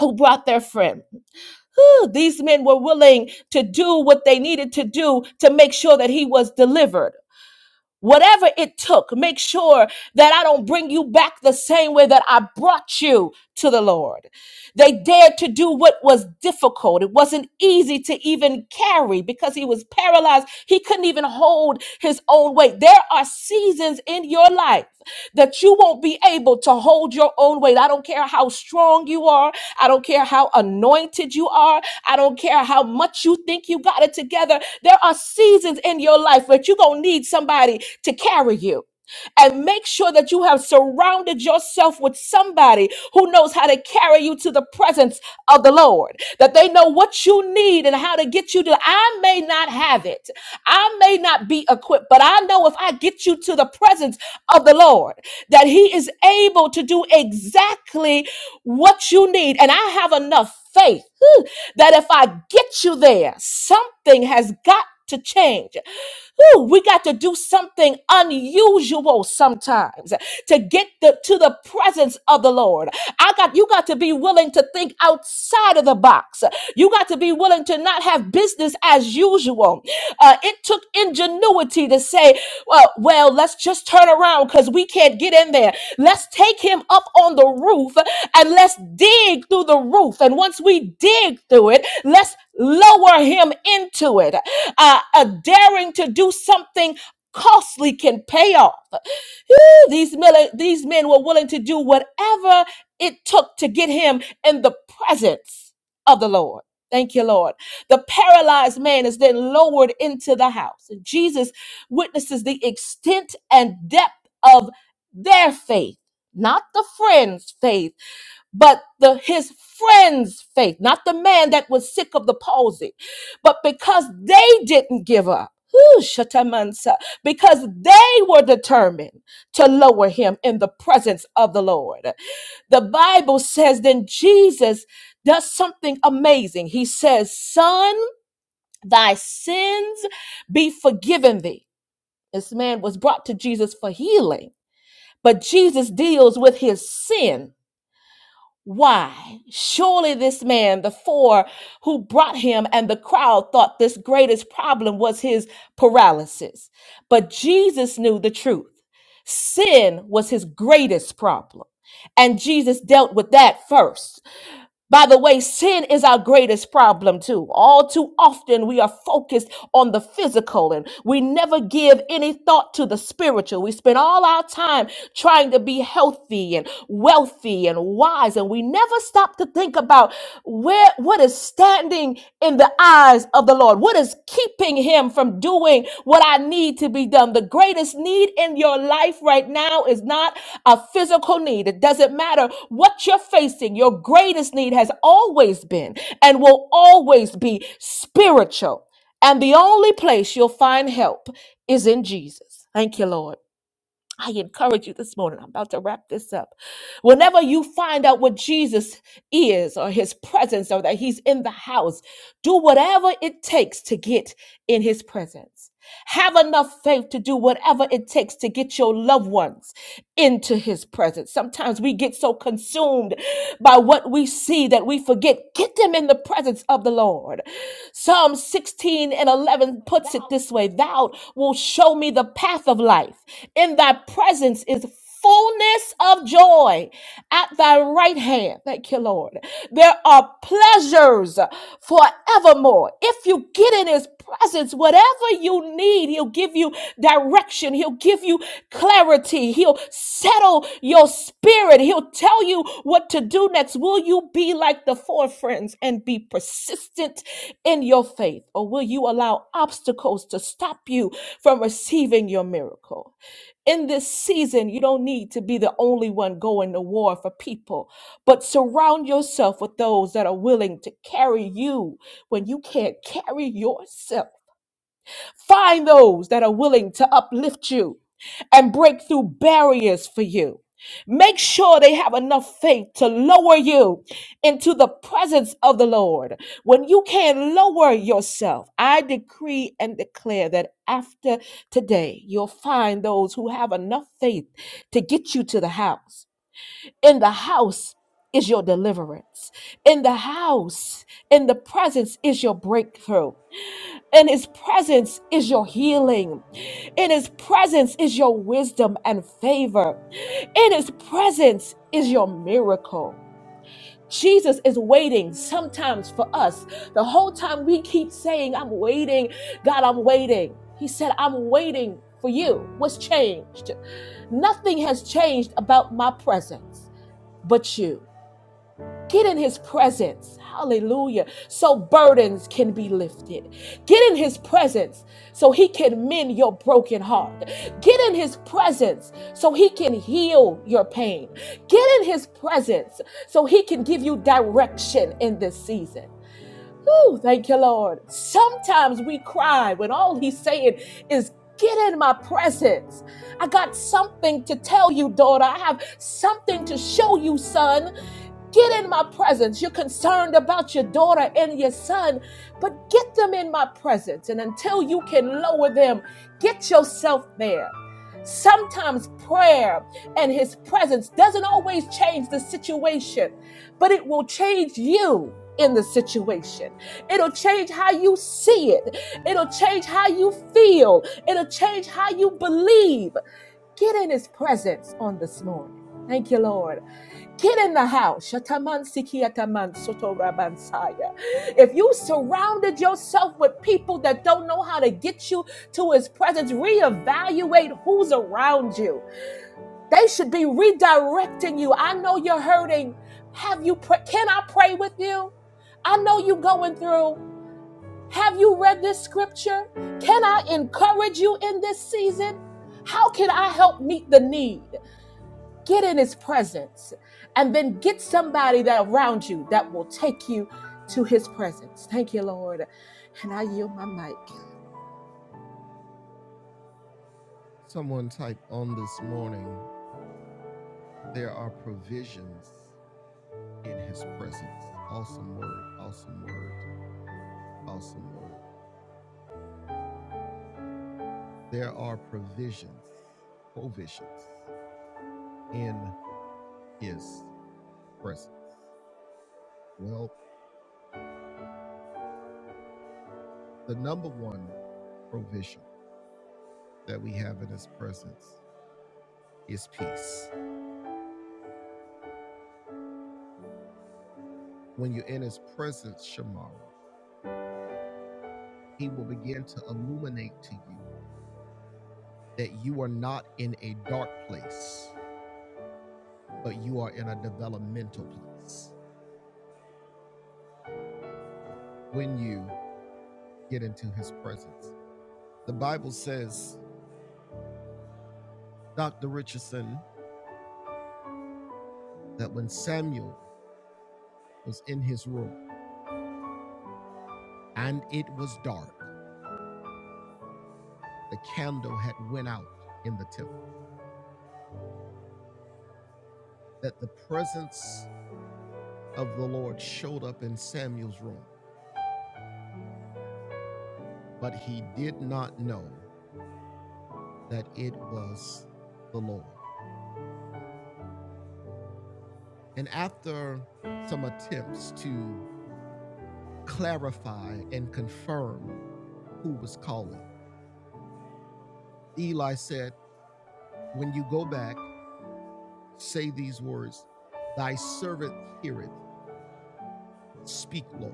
who brought their friend. Whew, These men were willing to do what they needed to do to make sure that he was delivered. Whatever it took, make sure that I don't bring you back the same way that I brought you to the Lord. They dared to do what was difficult. It wasn't easy to even carry because he was paralyzed. He couldn't even hold his own weight. There are seasons in your life that you won't be able to hold your own weight. I don't care how strong you are. I don't care how anointed you are. I don't care how much you think you got it together. There are seasons in your life where you're going to need somebody to carry you and make sure that you have surrounded yourself with somebody who knows how to carry you to the presence of the Lord. That they know what you need and how to get you to. I may not have it, I may not be equipped, but I know if I get you to the presence of the Lord, that He is able to do exactly what you need. And I have enough faith. hmm, that if I get you there, something has got to change. Woo, we got to do something unusual sometimes to get the, to the presence of the Lord. I got you got to be willing to think outside of the box. You got to be willing to not have business as usual. Uh, it took ingenuity to say, well, well, let's just turn around because we can't get in there. Let's take him up on the roof and let's dig through the roof. And once we dig through it, let's lower him into it uh, a daring to do something costly can pay off. Whew, these men, these men were willing to do whatever it took to get him in the presence of the Lord. Thank you, Lord. The paralyzed man is then lowered into the house. And Jesus witnesses the extent and depth of their faith, not the friend's faith but the his friends faith not the man that was sick of the palsy but because they didn't give up whew, shatamansa, because they were determined to lower him in the presence of the lord the bible says then jesus does something amazing he says son thy sins be forgiven thee this man was brought to jesus for healing but jesus deals with his sin why? Surely this man, the four who brought him and the crowd thought this greatest problem was his paralysis. But Jesus knew the truth. Sin was his greatest problem. And Jesus dealt with that first. By the way, sin is our greatest problem, too. All too often, we are focused on the physical and we never give any thought to the spiritual. We spend all our time trying to be healthy and wealthy and wise, and we never stop to think about where what is standing standing in the eyes of the Lord? What is keeping him from doing what I need to be done? The greatest need in your life right now is not a physical need. It doesn't matter what you're facing, your greatest need has always been and will always be spiritual. And the only place you'll find help is in Jesus. Thank you, Lord. I encourage you this morning. I'm about to wrap this up. Whenever you find out what Jesus is or his presence or that he's in the house, do whatever it takes to get in his presence. Have enough faith to do whatever it takes to get your loved ones into his presence. Sometimes we get so consumed by what we see that we forget. Get them in the presence of the Lord. Psalm 16 and 11 puts it this way Thou wilt show me the path of life. In thy presence is fullness of joy at thy right hand. Thank you, Lord. There are pleasures forevermore. If you get in his presence, whatever you need, he'll give you direction. He'll give you clarity. He'll settle your spirit. He'll tell you what to do next. Will you be like the four friends and be persistent in your faith? Or will you allow obstacles to stop you from receiving your miracle? In this season, you don't need to be the only one going to war for people, but surround yourself with those that are willing to carry you when you can't carry yourself. Find those that are willing to uplift you and break through barriers for you. Make sure they have enough faith to lower you into the presence of the Lord. When you can lower yourself, I decree and declare that after today, you'll find those who have enough faith to get you to the house. In the house is your deliverance. In the house, in the presence is your breakthrough. In his presence is your healing. In his presence is your wisdom and favor. In his presence is your miracle. Jesus is waiting sometimes for us. The whole time we keep saying, I'm waiting, God, I'm waiting. He said, I'm waiting for you. What's changed? Nothing has changed about my presence but you. Get in his presence. Hallelujah. So burdens can be lifted. Get in his presence so he can mend your broken heart. Get in his presence so he can heal your pain. Get in his presence so he can give you direction in this season. Whew, thank you, Lord. Sometimes we cry when all he's saying is, Get in my presence. I got something to tell you, daughter. I have something to show you, son. Get in my presence. You're concerned about your daughter and your son, but get them in my presence. And until you can lower them, get yourself there. Sometimes prayer and his presence doesn't always change the situation, but it will change you in the situation. It'll change how you see it. It'll change how you feel. It'll change how you believe. Get in his presence on this morning. Thank you, Lord. Get in the house. Shataman sikiataman soto rabansaya. If you surrounded yourself with people that don't know how to get you to his presence, reevaluate who's around you. They should be redirecting you. I know you're hurting. Have you pray- can I pray with you? I know you are going through. Have you read this scripture? Can I encourage you in this season? How can I help meet the need? get in his presence and then get somebody that around you that will take you to his presence. Thank you, Lord. And I yield my mic. Someone type on this morning. There are provisions in his presence. Awesome word. Awesome word. Awesome word. There are provisions, provisions in his presence? Well, the number one provision that we have in his presence is peace. When you're in his presence, Shamara, he will begin to illuminate to you that you are not in a dark place, but you are in a developmental place when you get into his presence. The Bible says, Dr. Richardson, that when Samuel was in his room and it was dark, the candle had went out in the temple that the presence of the Lord showed up in Samuel's room, but he did not know that it was the Lord. And after some attempts to clarify and confirm who was calling, Eli said, When you go back, say these words, Thy servant heareth, speak, Lord.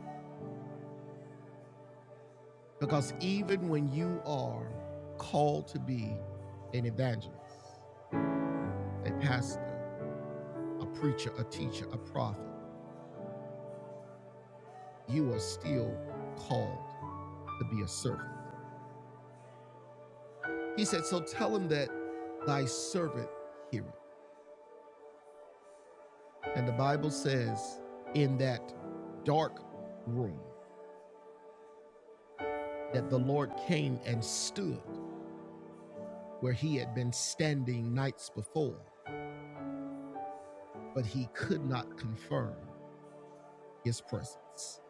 Because even when you are called to be an evangelist, a pastor, a preacher, a teacher, a prophet, you are still called to be a servant. He said, So tell him that thy servant heareth. And the Bible says, In that dark room, that the Lord came and stood where he had been standing nights before, but he could not confirm his presence.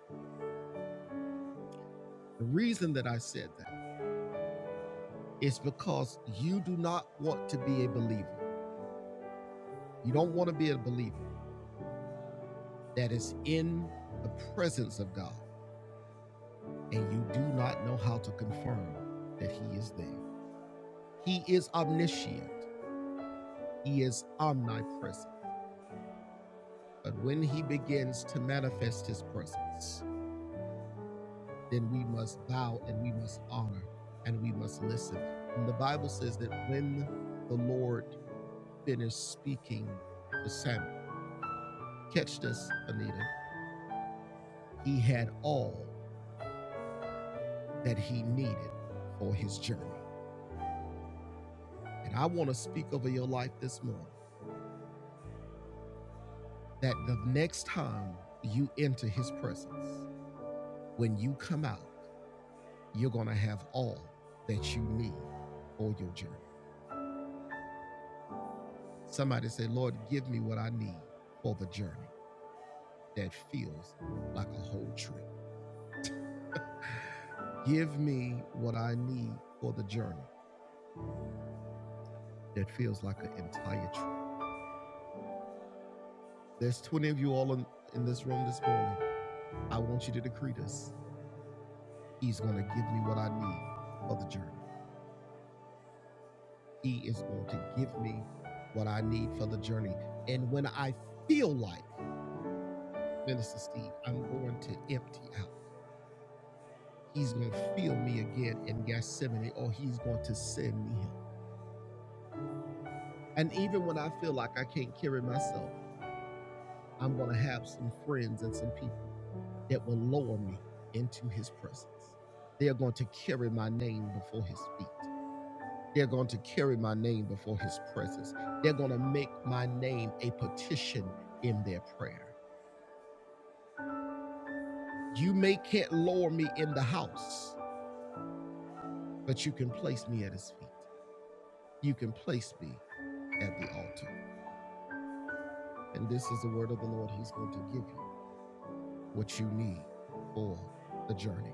The reason that I said that is because you do not want to be a believer. You don't want to be a believer. that is in the presence of God, and you do not know how to confirm that He is there. He is omniscient, He is omnipresent. But when He begins to manifest His presence, then we must bow and we must honor and we must listen. And the Bible says that when the Lord finished speaking to Samuel, catch this, Anita, he had all that he needed for his journey. And I want to speak over your life this morning that the next time you enter his presence, when you come out, you're going to have all that you need for your journey. Somebody say, Lord, give me what I need for the journey that feels like a whole trip. Give me what I need for the journey that feels like an entire trip. There's 20 of you all in, in this room this morning. I want you to decree this. He's going to give me what I need for the journey. He is going to give me what I need for the journey. And when I feel like, Minister Steve, I'm going to empty out, he's going to feel me again in Gethsemane, or he's going to send me him. And even when I feel like I can't carry myself, I'm going to have some friends and some people that will lower me into his presence. They are going to carry my name before his feet. They're going to carry my name before his presence. They're going to make my name a petition in their prayer. You may can't lower me in the house, but you can place me at his feet. You can place me at the altar. And this is the word of the Lord. He's going to give you what you need for the journey.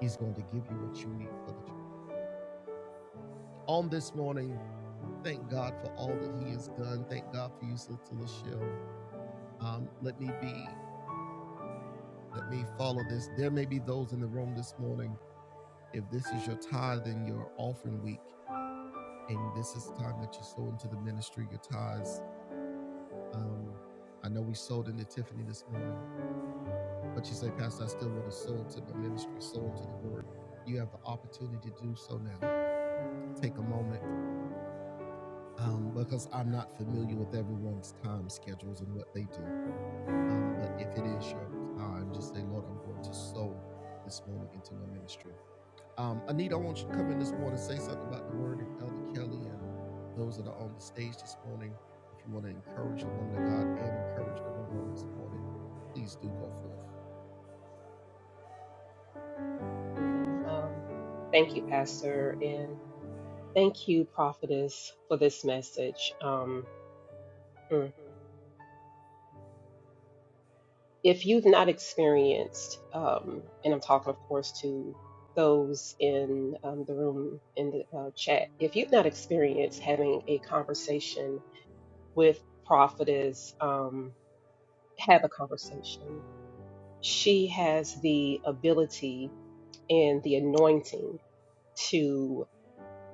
He's going to give you what you need for the journey. On this morning, thank God for all that He has done. Thank God for you, Sister Lachelle. Um, let me be Let me follow this. There may be those in the room this morning. If this is your tithe and your offering week, and this is the time that you sow into the ministry, your tithes. Um, I know we sold into Tiffany this morning, but you say, Pastor, I still want to sow into the ministry, sow into the word. You have the opportunity to do so now. Take a moment um, because I'm not familiar with everyone's time schedules and what they do. Um, but if it is your time, just say, Lord, I'm going to sow this morning into my ministry. Um, Anita, I want you to come in this morning, say something about the word and Elder Kelly and those that are on the stage this morning. If you want to encourage the woman of God and encourage the woman this morning, please do go forth. Amen. Um, thank you, Pastor, and thank you, prophetess, for this message. Um, mm. if you've not experienced, um, and I'm talking, of course, to those in um, the room in the uh, chat, if you've not experienced having a conversation with Prophetess, um, have a conversation. She has the ability and the anointing to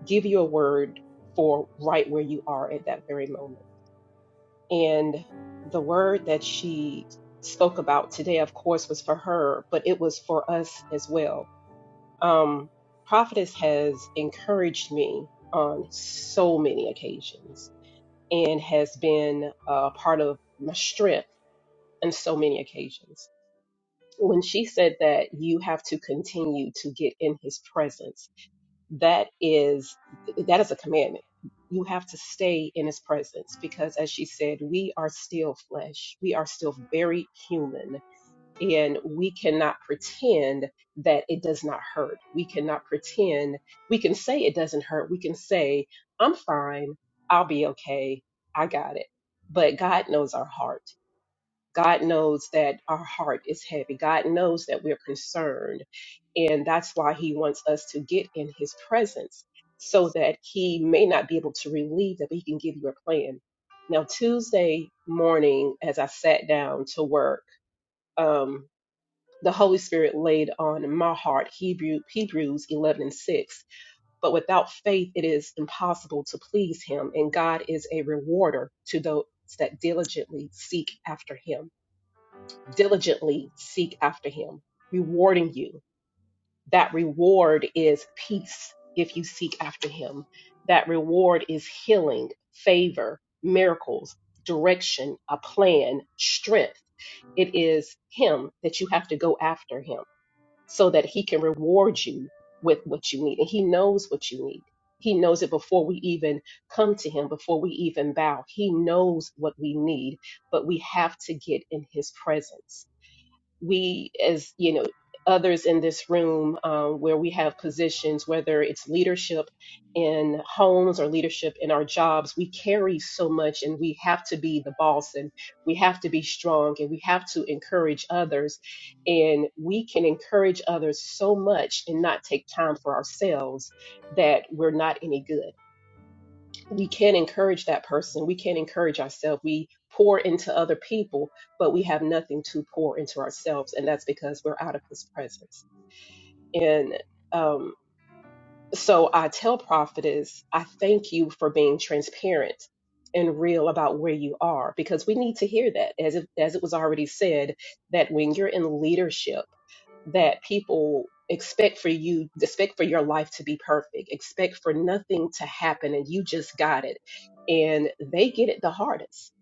give you a word for right where you are at that very moment And the word that she spoke about today, of course, was for her, but it was for us as well. Um, Prophetess has encouraged me on so many occasions and has been a part of my strength on so many occasions. When she said that you have to continue to get in his presence, that is that is a commandment you have to stay in his presence because as she said we are still flesh we are still very human and we cannot pretend that it does not hurt we cannot pretend we can say it doesn't hurt we can say i'm fine i'll be okay i got it but god knows our heart God knows that our heart is heavy. God knows that we're concerned. And that's why He wants us to get in His presence so that He may not be able to relieve that, but He can give you a plan. Now, Tuesday morning, as I sat down to work, um, the Holy Spirit laid on my heart Hebrew, Hebrews 11 and 6. But without faith, it is impossible to please Him, and God is a rewarder to those that diligently seek after Him diligently seek after him, rewarding you. That reward is peace if you seek after him. That reward is healing, favor, miracles, direction, a plan, strength. It is him that you have to go after him so that he can reward you with what you need. And he knows what you need. He knows it before we even come to him, before we even bow. He knows what we need, but we have to get in his presence we as you know others in this room um, where we have positions whether it's leadership in homes or leadership in our jobs we carry so much and we have to be the boss and we have to be strong and we have to encourage others and we can encourage others so much and not take time for ourselves that we're not any good we can't encourage that person. We can't encourage ourselves. We pour into other people, but we have nothing to pour into ourselves. And that's because we're out of his presence. And, um, so I tell prophetess, I thank you for being transparent and real about where you are because we need to hear that as it, as it was already said that when you're in leadership that people expect for you expect for your life to be perfect expect for nothing to happen and you just got it and they get it the hardest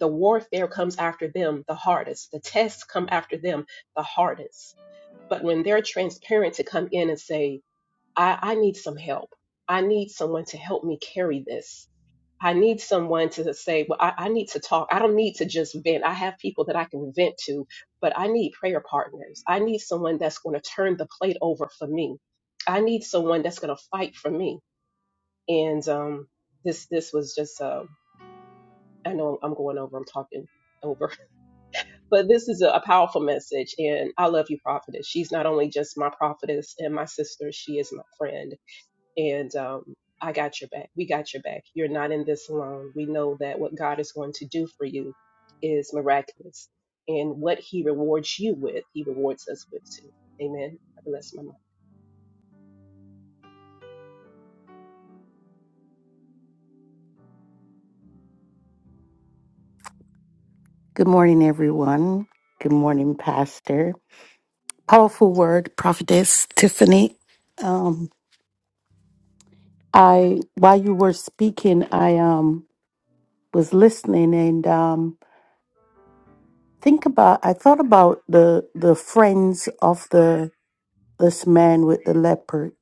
the warfare comes after them the hardest the tests come after them the hardest but when they're transparent to come in and say I, I need some help. I need someone to help me carry this. I need someone to say, well, I, I need to talk. I don't need to just vent. I have people that I can vent to, but I need prayer partners. I need someone that's going to turn the plate over for me. I need someone that's going to fight for me. And um, this this was just uh, I know I'm going over. I'm talking over, but this is a, a powerful message. And I love you, prophetess. She's not only just my prophetess and my sister. She is my friend and um, I got your back. We got your back. You're not in this alone. We know that what God is going to do for you is miraculous, and what He rewards you with, He rewards us with too. Amen. I bless my mind. Good morning, everyone. Good morning, Pastor. Powerful word, Prophetess Tiffany. Um, I while you were speaking, I um was listening and um think about. I thought about the the friends of the this man with the leopard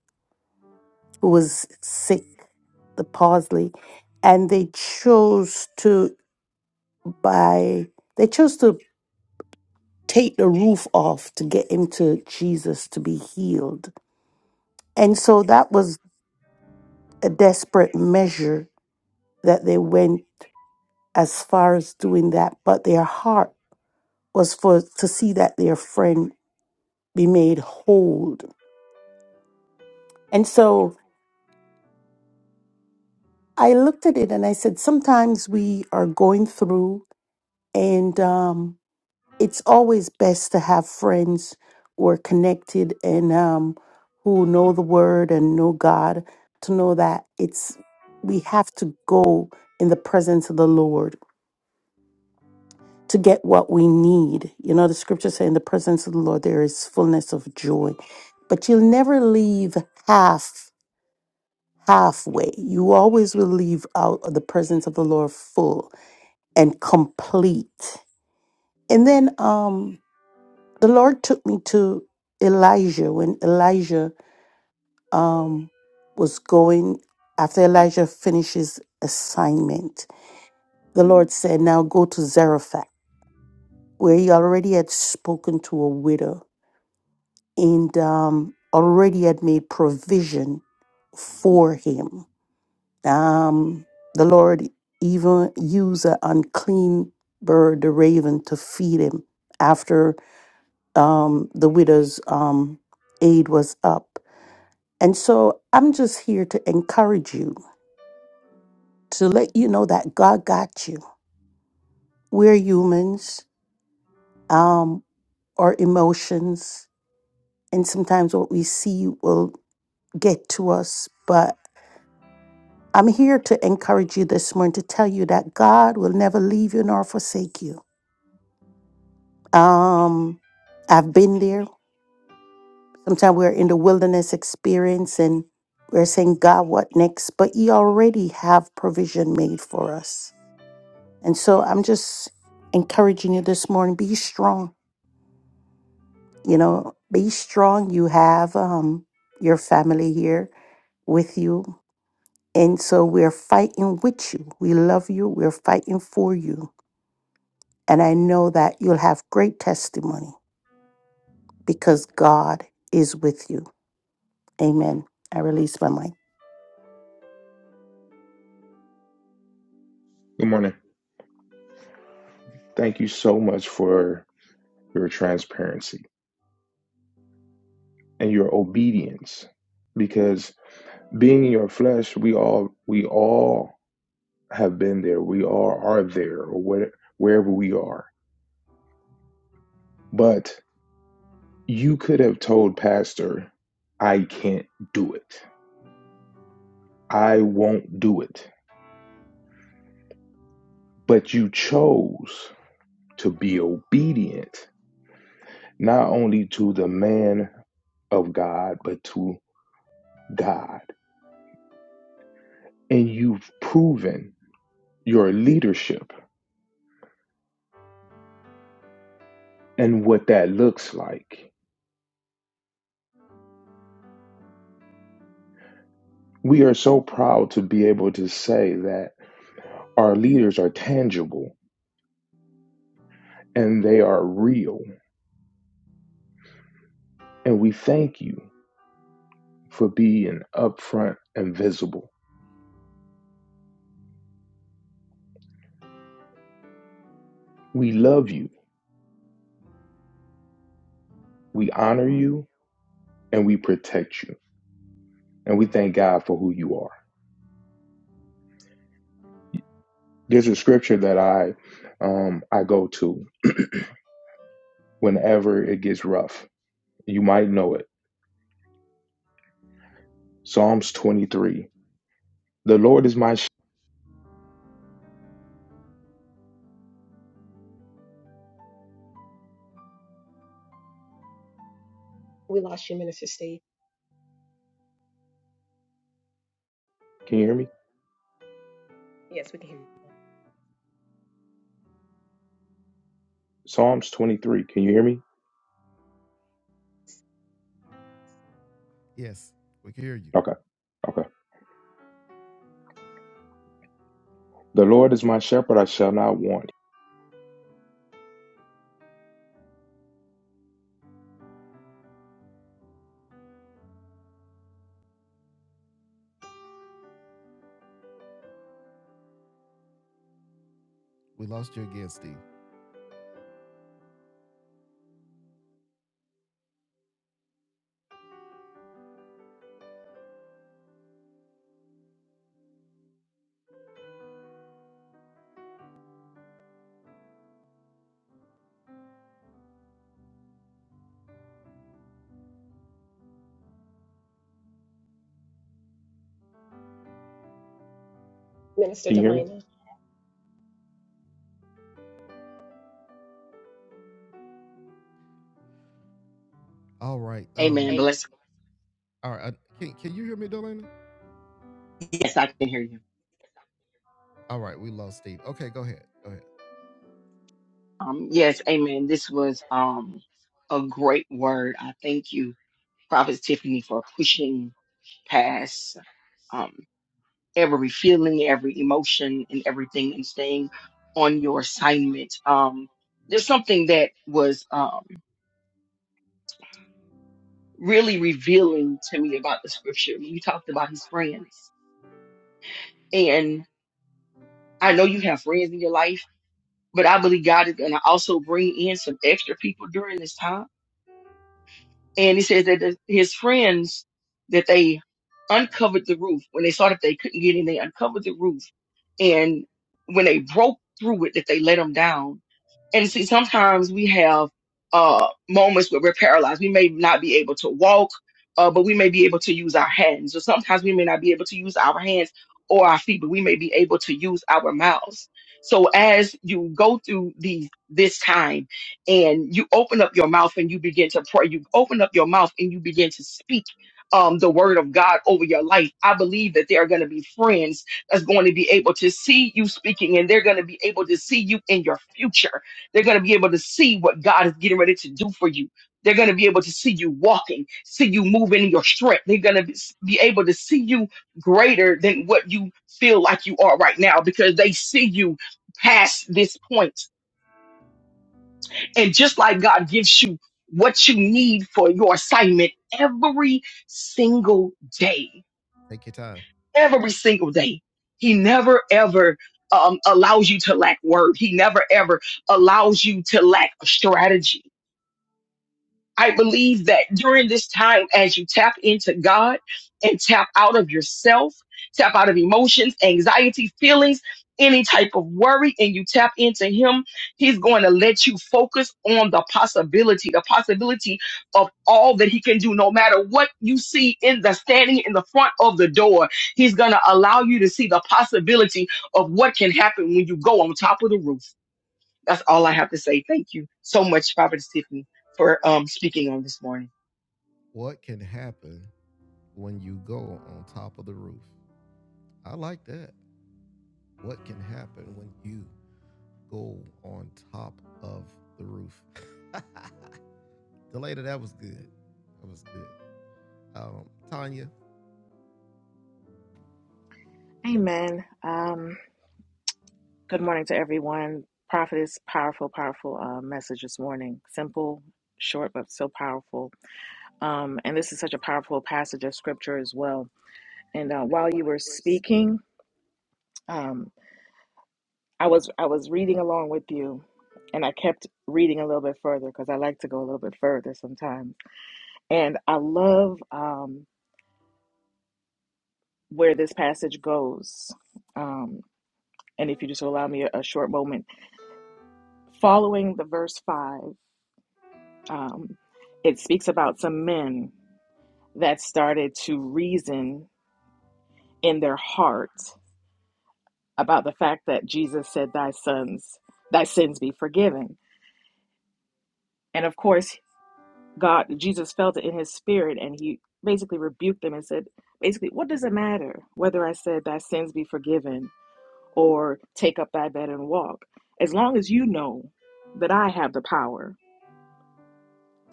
who was sick, the palsy, and they chose to by they chose to take the roof off to get him to Jesus to be healed. And so that was a desperate measure that they went as far as doing that, but their heart was for to see that their friend be made whole. And so I looked at it and I said, sometimes we are going through, and um, it's always best to have friends who are connected and um, who know the word and know God to know that it's we have to go in the presence of the Lord to get what we need. You know, the scripture say in the presence of the Lord there is fullness of joy. But you'll never leave half halfway. You always will leave out of the presence of the Lord full and complete. And then um the Lord took me to Elijah when Elijah um, was going after Elijah finishes assignment. The Lord said, "Now go to Zarephath, where he already had spoken to a widow and um, already had made provision for him." Um, the Lord even used an unclean bird, the raven, to feed him after um, the widow's um, aid was up And so I'm just here to encourage you, to let you know that God got you. We're humans, um, our emotions, and sometimes what we see will get to us. But I'm here to encourage you this morning to tell you that God will never leave you nor forsake you. Um, I've been there. Sometimes we're in the wilderness experience and we're saying, God, what next? But He already have provision made for us. And so I'm just encouraging you this morning be strong. You know, be strong. You have um, your family here with you. And so we're fighting with you. We love you. We're fighting for you. And I know that you'll have great testimony because God is with you. Amen. I release my mic. Good morning. Thank you so much for your transparency and your obedience because being in your flesh, we all we all have been there. We all are there or where, wherever we are. But you could have told pastor, I can't do it. I won't do it. But you chose to be obedient not only to the man of God, but to God. And you've proven your leadership and what that looks like. We are so proud to be able to say that our leaders are tangible and they are real. And we thank you for being upfront and visible. We love you, we honor you, and we protect you. And we thank God for who you are. There's a scripture that I um, I go to whenever it gets rough. You might know it. Psalms 23. The Lord is my. sh- We lost you, Minister Steve. Can you hear me? Yes, we can hear you. Psalms 23. Can you hear me? Yes, we can hear you. Okay. Okay. The Lord is my shepherd, I shall not want. We lost you again, Steve. Minister Can you hear me? Delana. All right. Um, Amen. Bless. all right. I- Can, can you hear me, Delana? Yes, I can hear you. All right, we lost Steve. Okay, go ahead. Go ahead. Um, yes, amen. This was um a great word. I thank you, Prophet Tiffany, for pushing past um every feeling, every emotion, and everything, and staying on your assignment. Um, there's something that was um really revealing to me about the scripture when you talked about his friends, and I know you have friends in your life, but I believe God is going to also bring in some extra people during this time And he says that the, his friends, that they uncovered the roof. When they saw that they couldn't get in, they uncovered the roof. And when they broke through it, that they let them down and see, sometimes we have uh, moments where we're paralyzed. We may not be able to walk, uh, but we may be able to use our hands. Or sometimes we may not be able to use our hands or our feet, but we may be able to use our mouths. So as you go through these this time and you open up your mouth and you begin to pray, you open up your mouth and you begin to speak um, the word of God over your life. I believe that there are going to be friends that's going to be able to see you speaking and they're going to be able to see you in your future they're going to be able to see what God is getting ready to do for you. They're going to be able to see you walking, see you moving in your strength. They're going to be be able to see you greater than what you feel like you are right now because they see you past this point. And just like God gives you what you need for your assignment every single day, Take your time. every single day, He never ever um, allows you to lack word. He never ever allows you to lack strategy I believe that during this time, as you tap into God and tap out of yourself, tap out of emotions, anxiety, feelings, any type of worry, and you tap into Him, He's going to let you focus on the possibility, the possibility of all that He can do, no matter what you see in the standing in the front of the door. He's going to allow you to see the possibility of what can happen when you go on top of the roof. That's all I have to say. Thank you so much, Prophet Tiffany, for um, speaking on this morning. What can happen when you go on top of the roof? I like that. What can happen when you go on top of the roof. Delata, that was good. That was good. Um, Tanya, Amen. Um, good morning to everyone. Prophetess, powerful, powerful uh, message this morning. Simple, short, but so powerful. Um, and this is such a powerful passage of scripture as well. And uh, while you were speaking, um, I was I was reading along with you, and I kept reading a little bit further because I like to go a little bit further sometimes. And I love um, where this passage goes. Um, and if you just allow me a, a short moment following the verse 5, um, it speaks about some men that started to reason in their heart about the fact that Jesus said, Thy sons, thy sins be forgiven. And of course, God, Jesus felt it in his spirit and he basically rebuked them and said, basically, what does it matter whether I said thy sins be forgiven or take up thy bed and walk? As long as you know that I have the power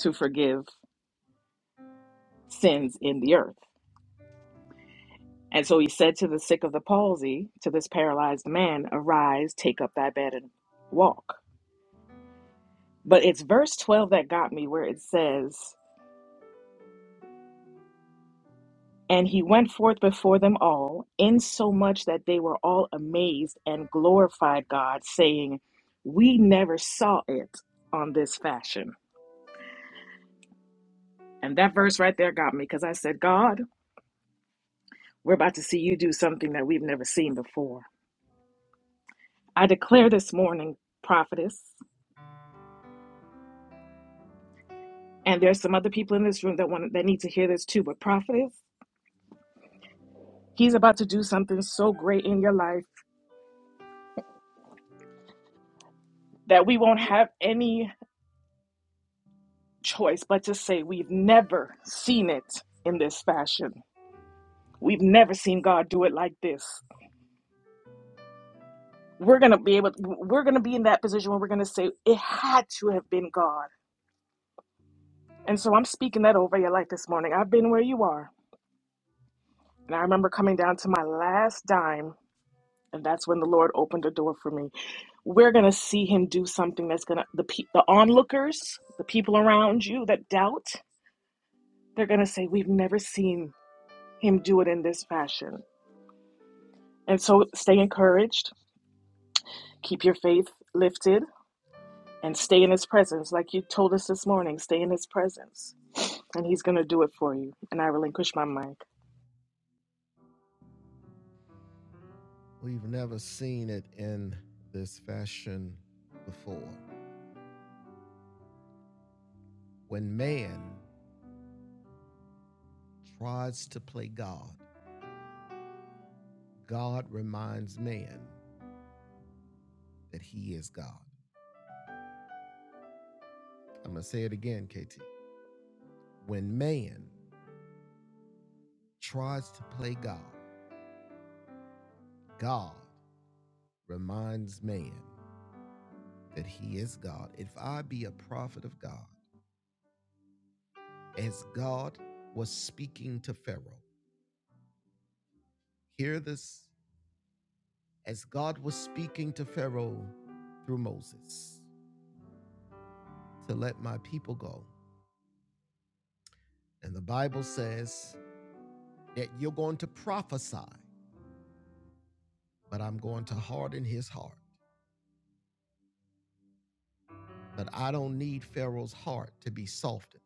to forgive sins in the earth. And so he said to the sick of the palsy, to this paralyzed man, Arise, take up thy bed and walk. But it's verse 12 that got me where it says, And he went forth before them all, insomuch that they were all amazed and glorified God, saying, We never saw it on this fashion. And that verse right there got me because I said, God, we're about to see you do something that we've never seen before. I declare this morning, prophetess. And there's some other people in this room that want that need to hear this too. But prophet, he's about to do something so great in your life that we won't have any choice but to say we've never seen it in this fashion. We've never seen God do it like this. We're gonna be able we're gonna be in that position where we're gonna say it had to have been God. And so I'm speaking that over your life this morning. I've been where you are. And I remember coming down to my last dime and that's when the Lord opened a door for me. We're going to see him do something that's going to the pe- the onlookers, the people around you that doubt, they're going to say we've never seen him do it in this fashion. And so stay encouraged, keep your faith lifted and stay in his presence like you told us this morning, stay in his presence and he's going to do it for you. And I relinquish my mic. we've never seen it in this fashion before. When man tries to play God, God reminds man that he is God. I'm going to say it again, KT. When man tries to play God, God reminds man that he is God. If I be a prophet of God, as God was speaking to Pharaoh. Hear this as God was speaking to Pharaoh through Moses to let my people go. And the Bible says that you're going to prophesy, but I'm going to harden his heart. But I don't need Pharaoh's heart to be softened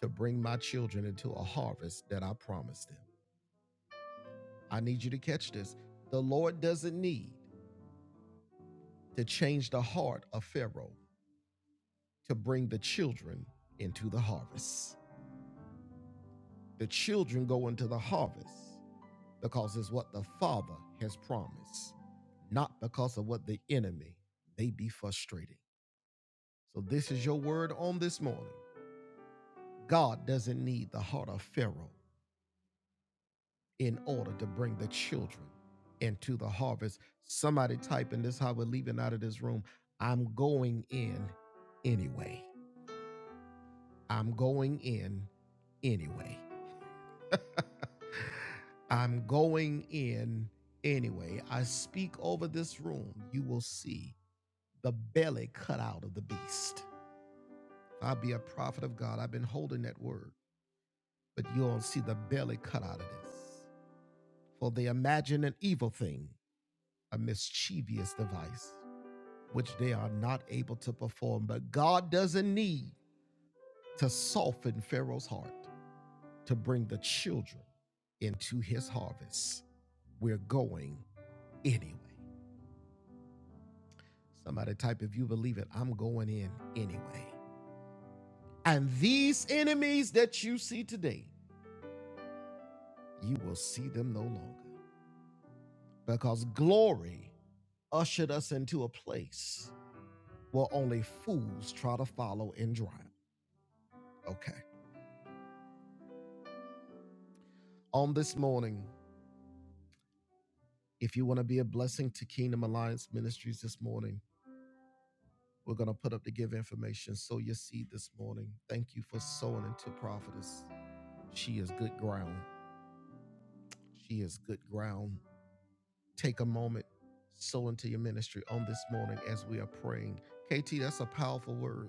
to bring my children into a harvest that I promised them. I need you to catch this. The Lord doesn't need to change the heart of Pharaoh to bring the children into the harvest. The children go into the harvest because it's what the Father has promised, not because of what the enemy may be frustrating. So, this is your word on this morning. God doesn't need the heart of Pharaoh in order to bring the children into the harvest. Somebody type in this how we're leaving out of this room. I'm going in anyway. I'm going in anyway. I'm going in anyway. I speak over this room. You will see the belly cut out of the beast. I'll be a prophet of God. I've been holding that word, but you'll see the belly cut out of this. For they imagine an evil thing, a mischievous device, which they are not able to perform. But God doesn't need to soften Pharaoh's heart to bring the children into his harvest. We're going anyway. Somebody type, if you believe it, I'm going in anyway. And these enemies that you see today, you will see them no longer because glory ushered us into a place where only fools try to follow and drown. Okay. On this morning, if you want to be a blessing to Kingdom Alliance Ministries this morning, we're going to put up the give information. Sow your seed this morning. Thank you for sowing into Prophetess. She is good ground. She is good ground. take a moment, sow into your ministry on this morning as we are praying. KT, that's a powerful word.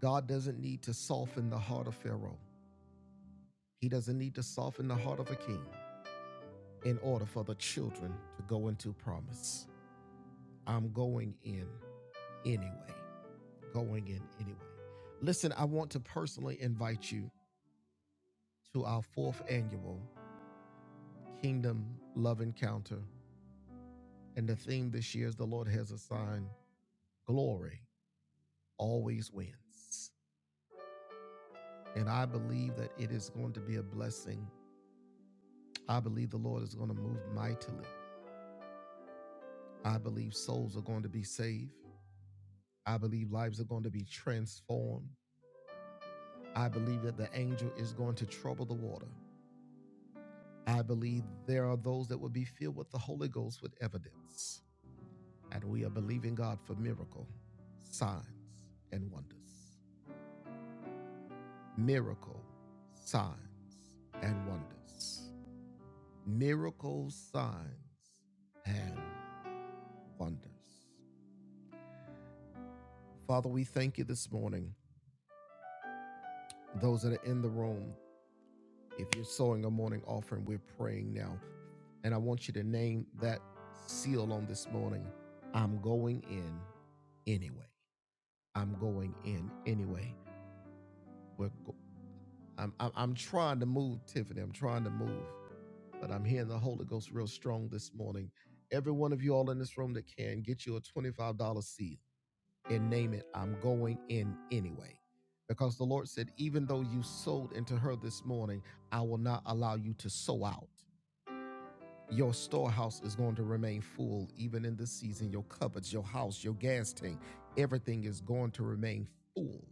God doesn't need to soften the heart of Pharaoh, he doesn't need to soften the heart of a king in order for the children to go into promise. I'm going in anyway. Going in anyway. Listen, I want to personally invite you to our fourth annual Kingdom Love Encounter. And the theme this year is the Lord has assigned glory always wins. And I believe that it is going to be a blessing. I believe the Lord is going to move mightily. I believe souls are going to be saved. I believe lives are going to be transformed. I believe that the angel is going to trouble the water. I believe there are those that will be filled with the Holy Ghost with evidence. And we are believing God for miracle, signs, and wonders. Miracle, signs, and wonders. Miracles, signs, and wonders. Father, we thank you this morning. Those that are in the room, if you're sowing a morning offering, we're praying now. And I want you to name that seal on this morning. I'm going in anyway. I'm going in anyway. We're go- I'm, I'm, I'm trying to move, Tiffany. I'm trying to move, but I'm hearing the Holy Ghost real strong this morning. Every one of you all in this room that can get you a $25 seal and name it, I'm going in anyway. Because the Lord said, even though you sold into her this morning, I will not allow you to sow out. Your storehouse is going to remain full even in this season. Your cupboards, your house, your gas tank, everything is going to remain full.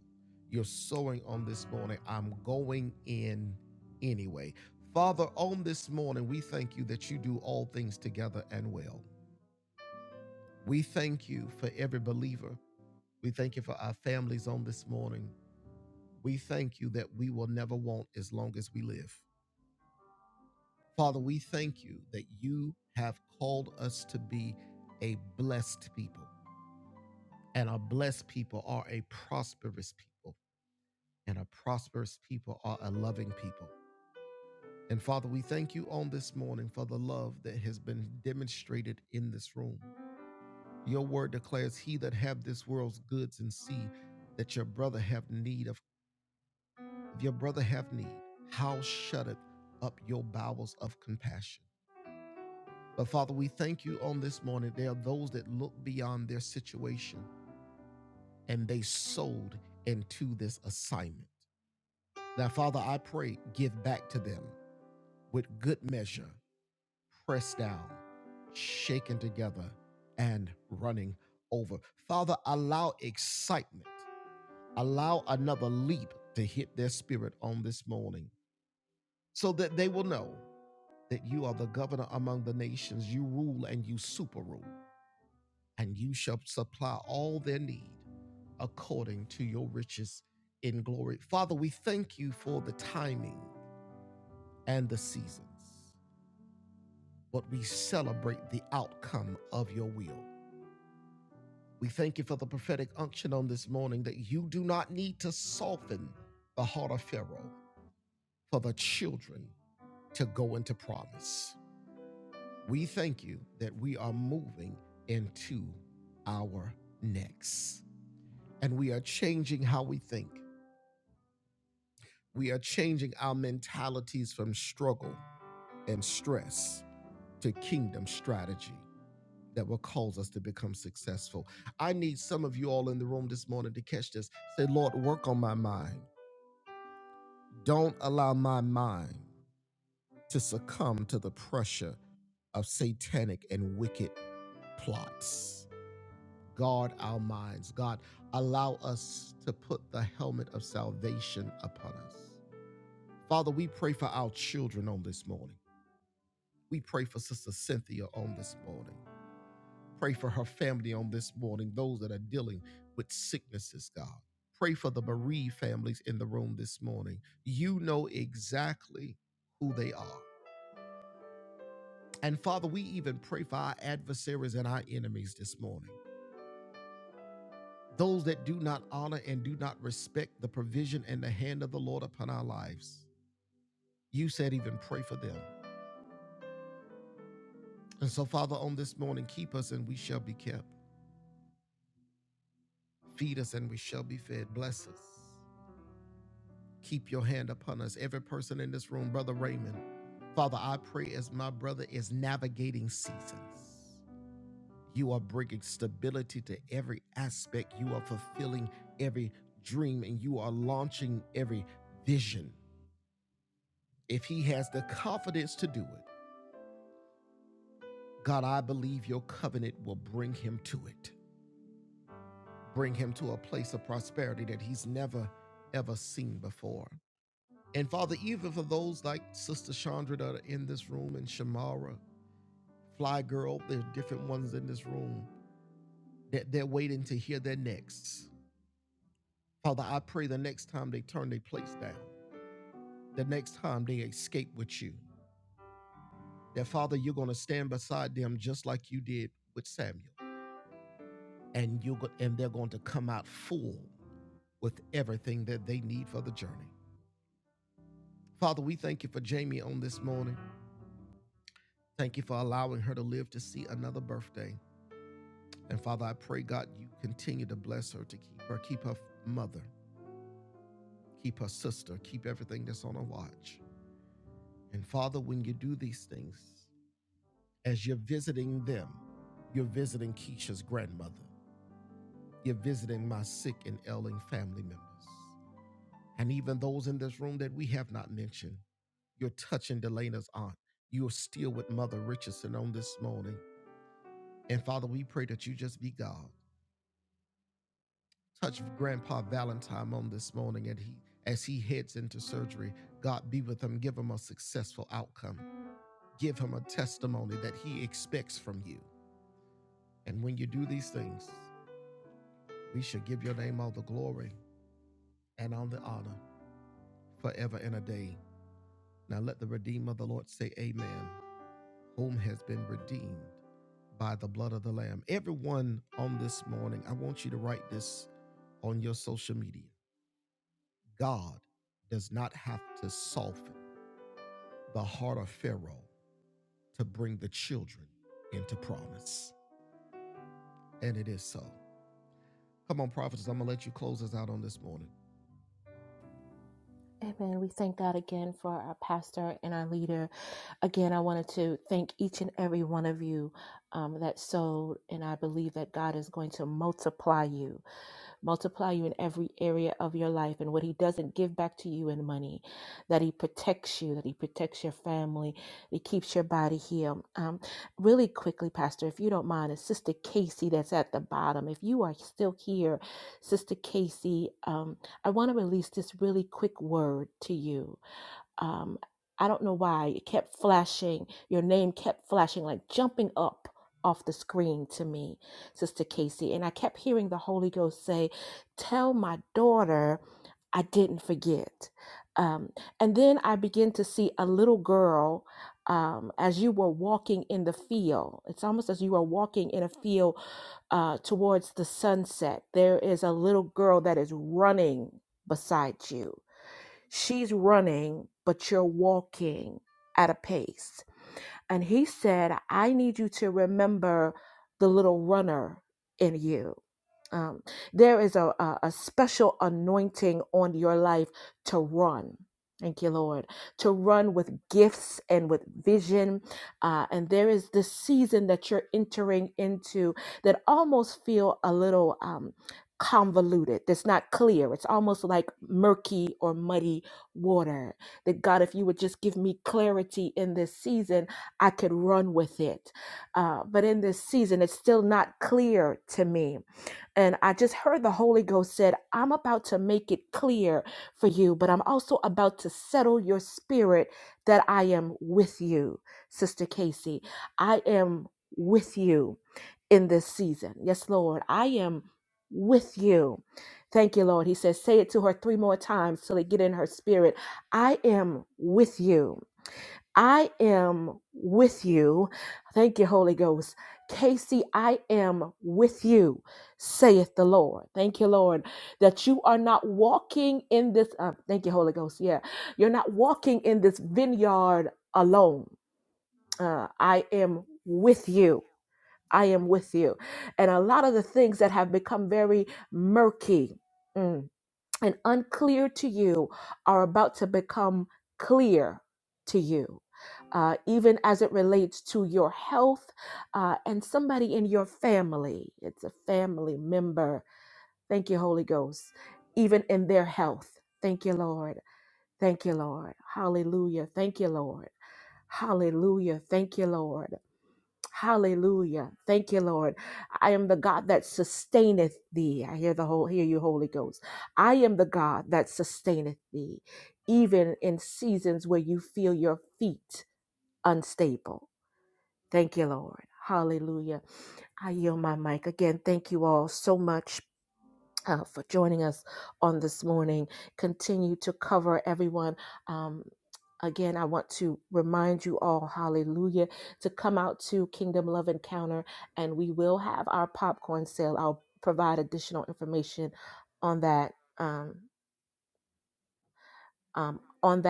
You're sowing on this morning. I'm going in anyway. Father, on this morning, we thank you that you do all things together and well. We thank you for every believer. We thank you for our families on this morning. We thank you that we will never want as long as we live. Father, we thank you that you have called us to be a blessed people, and our blessed people are a prosperous people, and our prosperous people are a loving people. And Father, we thank you on this morning for the love that has been demonstrated in this room. Your word declares, He that have this world's goods and see that your brother have need of If your brother have need, how shutteth up your bowels of compassion? But Father, we thank you on this morning. There are those that look beyond their situation and they sold into this assignment. Now, Father, I pray, give back to them with good measure, pressed down, shaken together, and running over. Father, allow excitement, allow another leap to hit their spirit on this morning so that they will know. that you are the governor among the nations. You rule and you super rule, and you shall supply all their need according to your riches in glory. Father, we thank you for the timing and the seasons, but we celebrate the outcome of your will. We thank you for the prophetic unction on this morning that you do not need to soften the heart of Pharaoh for the children to go into promise. We thank you that we are moving into our next. And we are changing how we think. We are changing our mentalities from struggle and stress to kingdom strategy that will cause us to become successful. I need some of you all in the room this morning to catch this. Say, Lord, work on my mind. Don't allow my mind to succumb to the pressure of satanic and wicked plots. guard our minds. God, allow us to put the helmet of salvation upon us. Father, we pray for our children on this morning. We pray for Sister Cynthia on this morning. Pray for her family on this morning, those that are dealing with sicknesses, God. Pray for the bereaved families in the room this morning. You know exactly who they are. And Father, we even pray for our adversaries and our enemies this morning. Those that do not honor and do not respect the provision and the hand of the Lord upon our lives. You said, even pray for them. And so, Father, on this morning, keep us and we shall be kept. Feed us and we shall be fed. Bless us. Keep your hand upon us. Every person in this room, Brother Raymond, Father, I pray as my brother is navigating seasons, you are bringing stability to every aspect. You are fulfilling every dream and you are launching every vision. If he has the confidence to do it, God, I believe your covenant will bring him to it, bring him to a place of prosperity that he's never, ever seen before. And Father, even for those like Sister Chandra that are in this room and Shamara, Fly Girl, there are different ones in this room that they're waiting to hear their next. Father, I pray the next time they turn their place down, the next time they escape with you, that Father, you're going to stand beside them just like you did with Samuel and you go, and they're going to come out full with everything that they need for the journey. Father, we thank you for Jamie on this morning. Thank you for allowing her to live to see another birthday. And Father, I pray God you continue to bless her to keep her, keep her mother, keep her sister, keep everything that's on her watch. And Father, when you do these things, as you're visiting them, you're visiting Keisha's grandmother. You're visiting my sick and ailing family members. And even those in this room that we have not mentioned. You're touching Delana's aunt. You're still with Mother Richardson on this morning. And Father, we pray that you just be God. Touch Grandpa Valentine on this morning and he as he heads into surgery. God be with him. Give him a successful outcome. Give him a testimony that he expects from you. And when you do these things, we shall give your name all the glory and all the honor forever and a day. Now let the Redeemer of the Lord say amen. whom has been redeemed by the blood of the Lamb. Everyone on this morning, I want you to write this on your social media. God does not have to soften the heart of Pharaoh to bring the children into promise. And it is so. Come on, prophets, I'm going to let you close us out on this morning. What you, And I kept hearing the Holy Ghost say, Tell my daughter I didn't forget. Um, and then I began to see a little girl um, as you were walking in the field. It's almost as you are walking in a field uh, towards the sunset. There is a little girl that is running beside you. She's running, but you're walking at a pace. And he said, I need you to remember the little runner in you. Um, there is a, a, a special anointing on your life to run. Thank you, Lord, to run with gifts and with vision. Uh, and there is this season that you're entering into that almost feel a little um, convoluted. That's not clear. It's almost like murky or muddy water. That God, if you would just give me clarity in this season, I could run with it. Uh, but in this season, it's still not clear to me. And I just heard the Holy Ghost said, I'm about to make it clear for you, but I'm also about to settle your spirit that I am with you, Sister Casey. I am with you in this season. Yes, Lord, I am with you. Thank you, Lord. He says, say it to her three more times till it get in her spirit. I am with you. I am with you. Thank you, Holy Ghost. Casey, I am with you, saith the Lord. Thank you, Lord, that you are not walking in this. Uh, thank you, Holy Ghost. Yeah, you're not walking in this vineyard alone. Uh, I am with you. I am with you. And a lot of the things that have become very murky. Mm, and unclear to you are about to become clear to you. Uh, even as it relates to your health uh, and somebody in your family, it's a family member. Thank you, Holy Ghost. Even in their health. Thank you, Lord. Thank you, Lord. Hallelujah. Thank you, Lord. Hallelujah. Thank you, Lord. Hallelujah. Thank you, Lord. I am the God that sustaineth thee. I hear the whole hear you, Holy Ghost. I am the God that sustaineth thee, even in seasons where you feel your feet unstable. Thank you, Lord. Hallelujah. I yield my mic again. Thank you all so much. uh, for joining us on this morning, continue to cover everyone. Um again, I want to remind you all, hallelujah, to come out to Kingdom Love Encounter and we will have our popcorn sale. I'll provide additional information on that um, that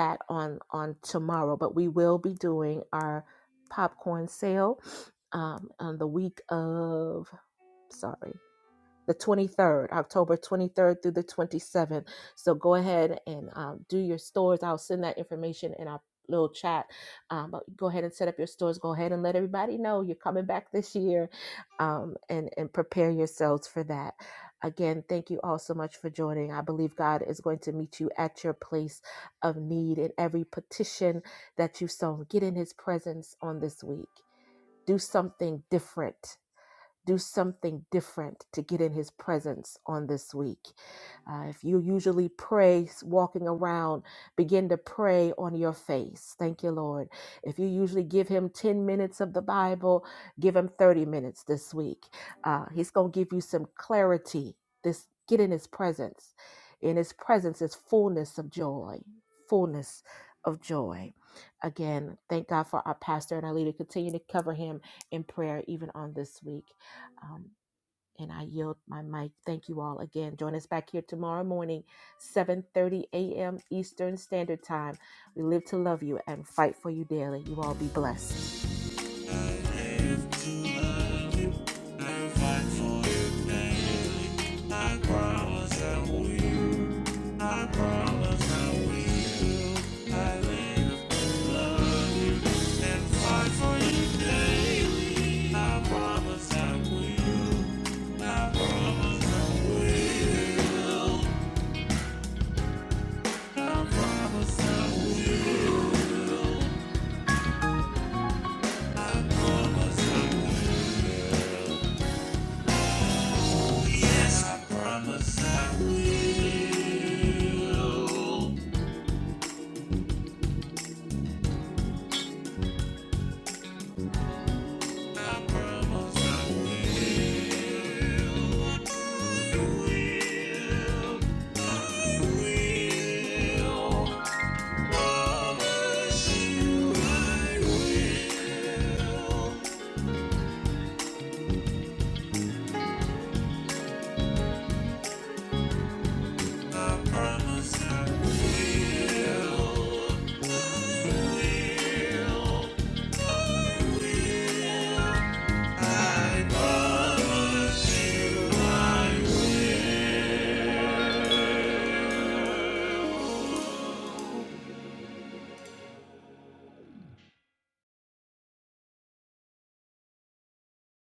of October a Go ahead and let everybody know you're here um, and prepare your thank you all so much. I believe God is going to meet you at your place you so get in Uh, if you usually pray s- walking around, begin to pray on your face. Thank you, Lord. If you usually give him 10 minutes of the Bible, give him 30 minutes this week. Uh, he's going to give you some clarity. This get in his presence. In his presence is fullness of joy, fullness of joy. Again, thank God for our pastor and our leader him in prayer even on this week. And I will again join us morning. eight 30 a.m. Eastern Standard Time. We live to love you and fight for you daily. You all be blessed. For I promise that we, I promise that we will. I live love. I promise I will. I promise, promise, promise I Promise I will. I Promise I, I I promise you I will.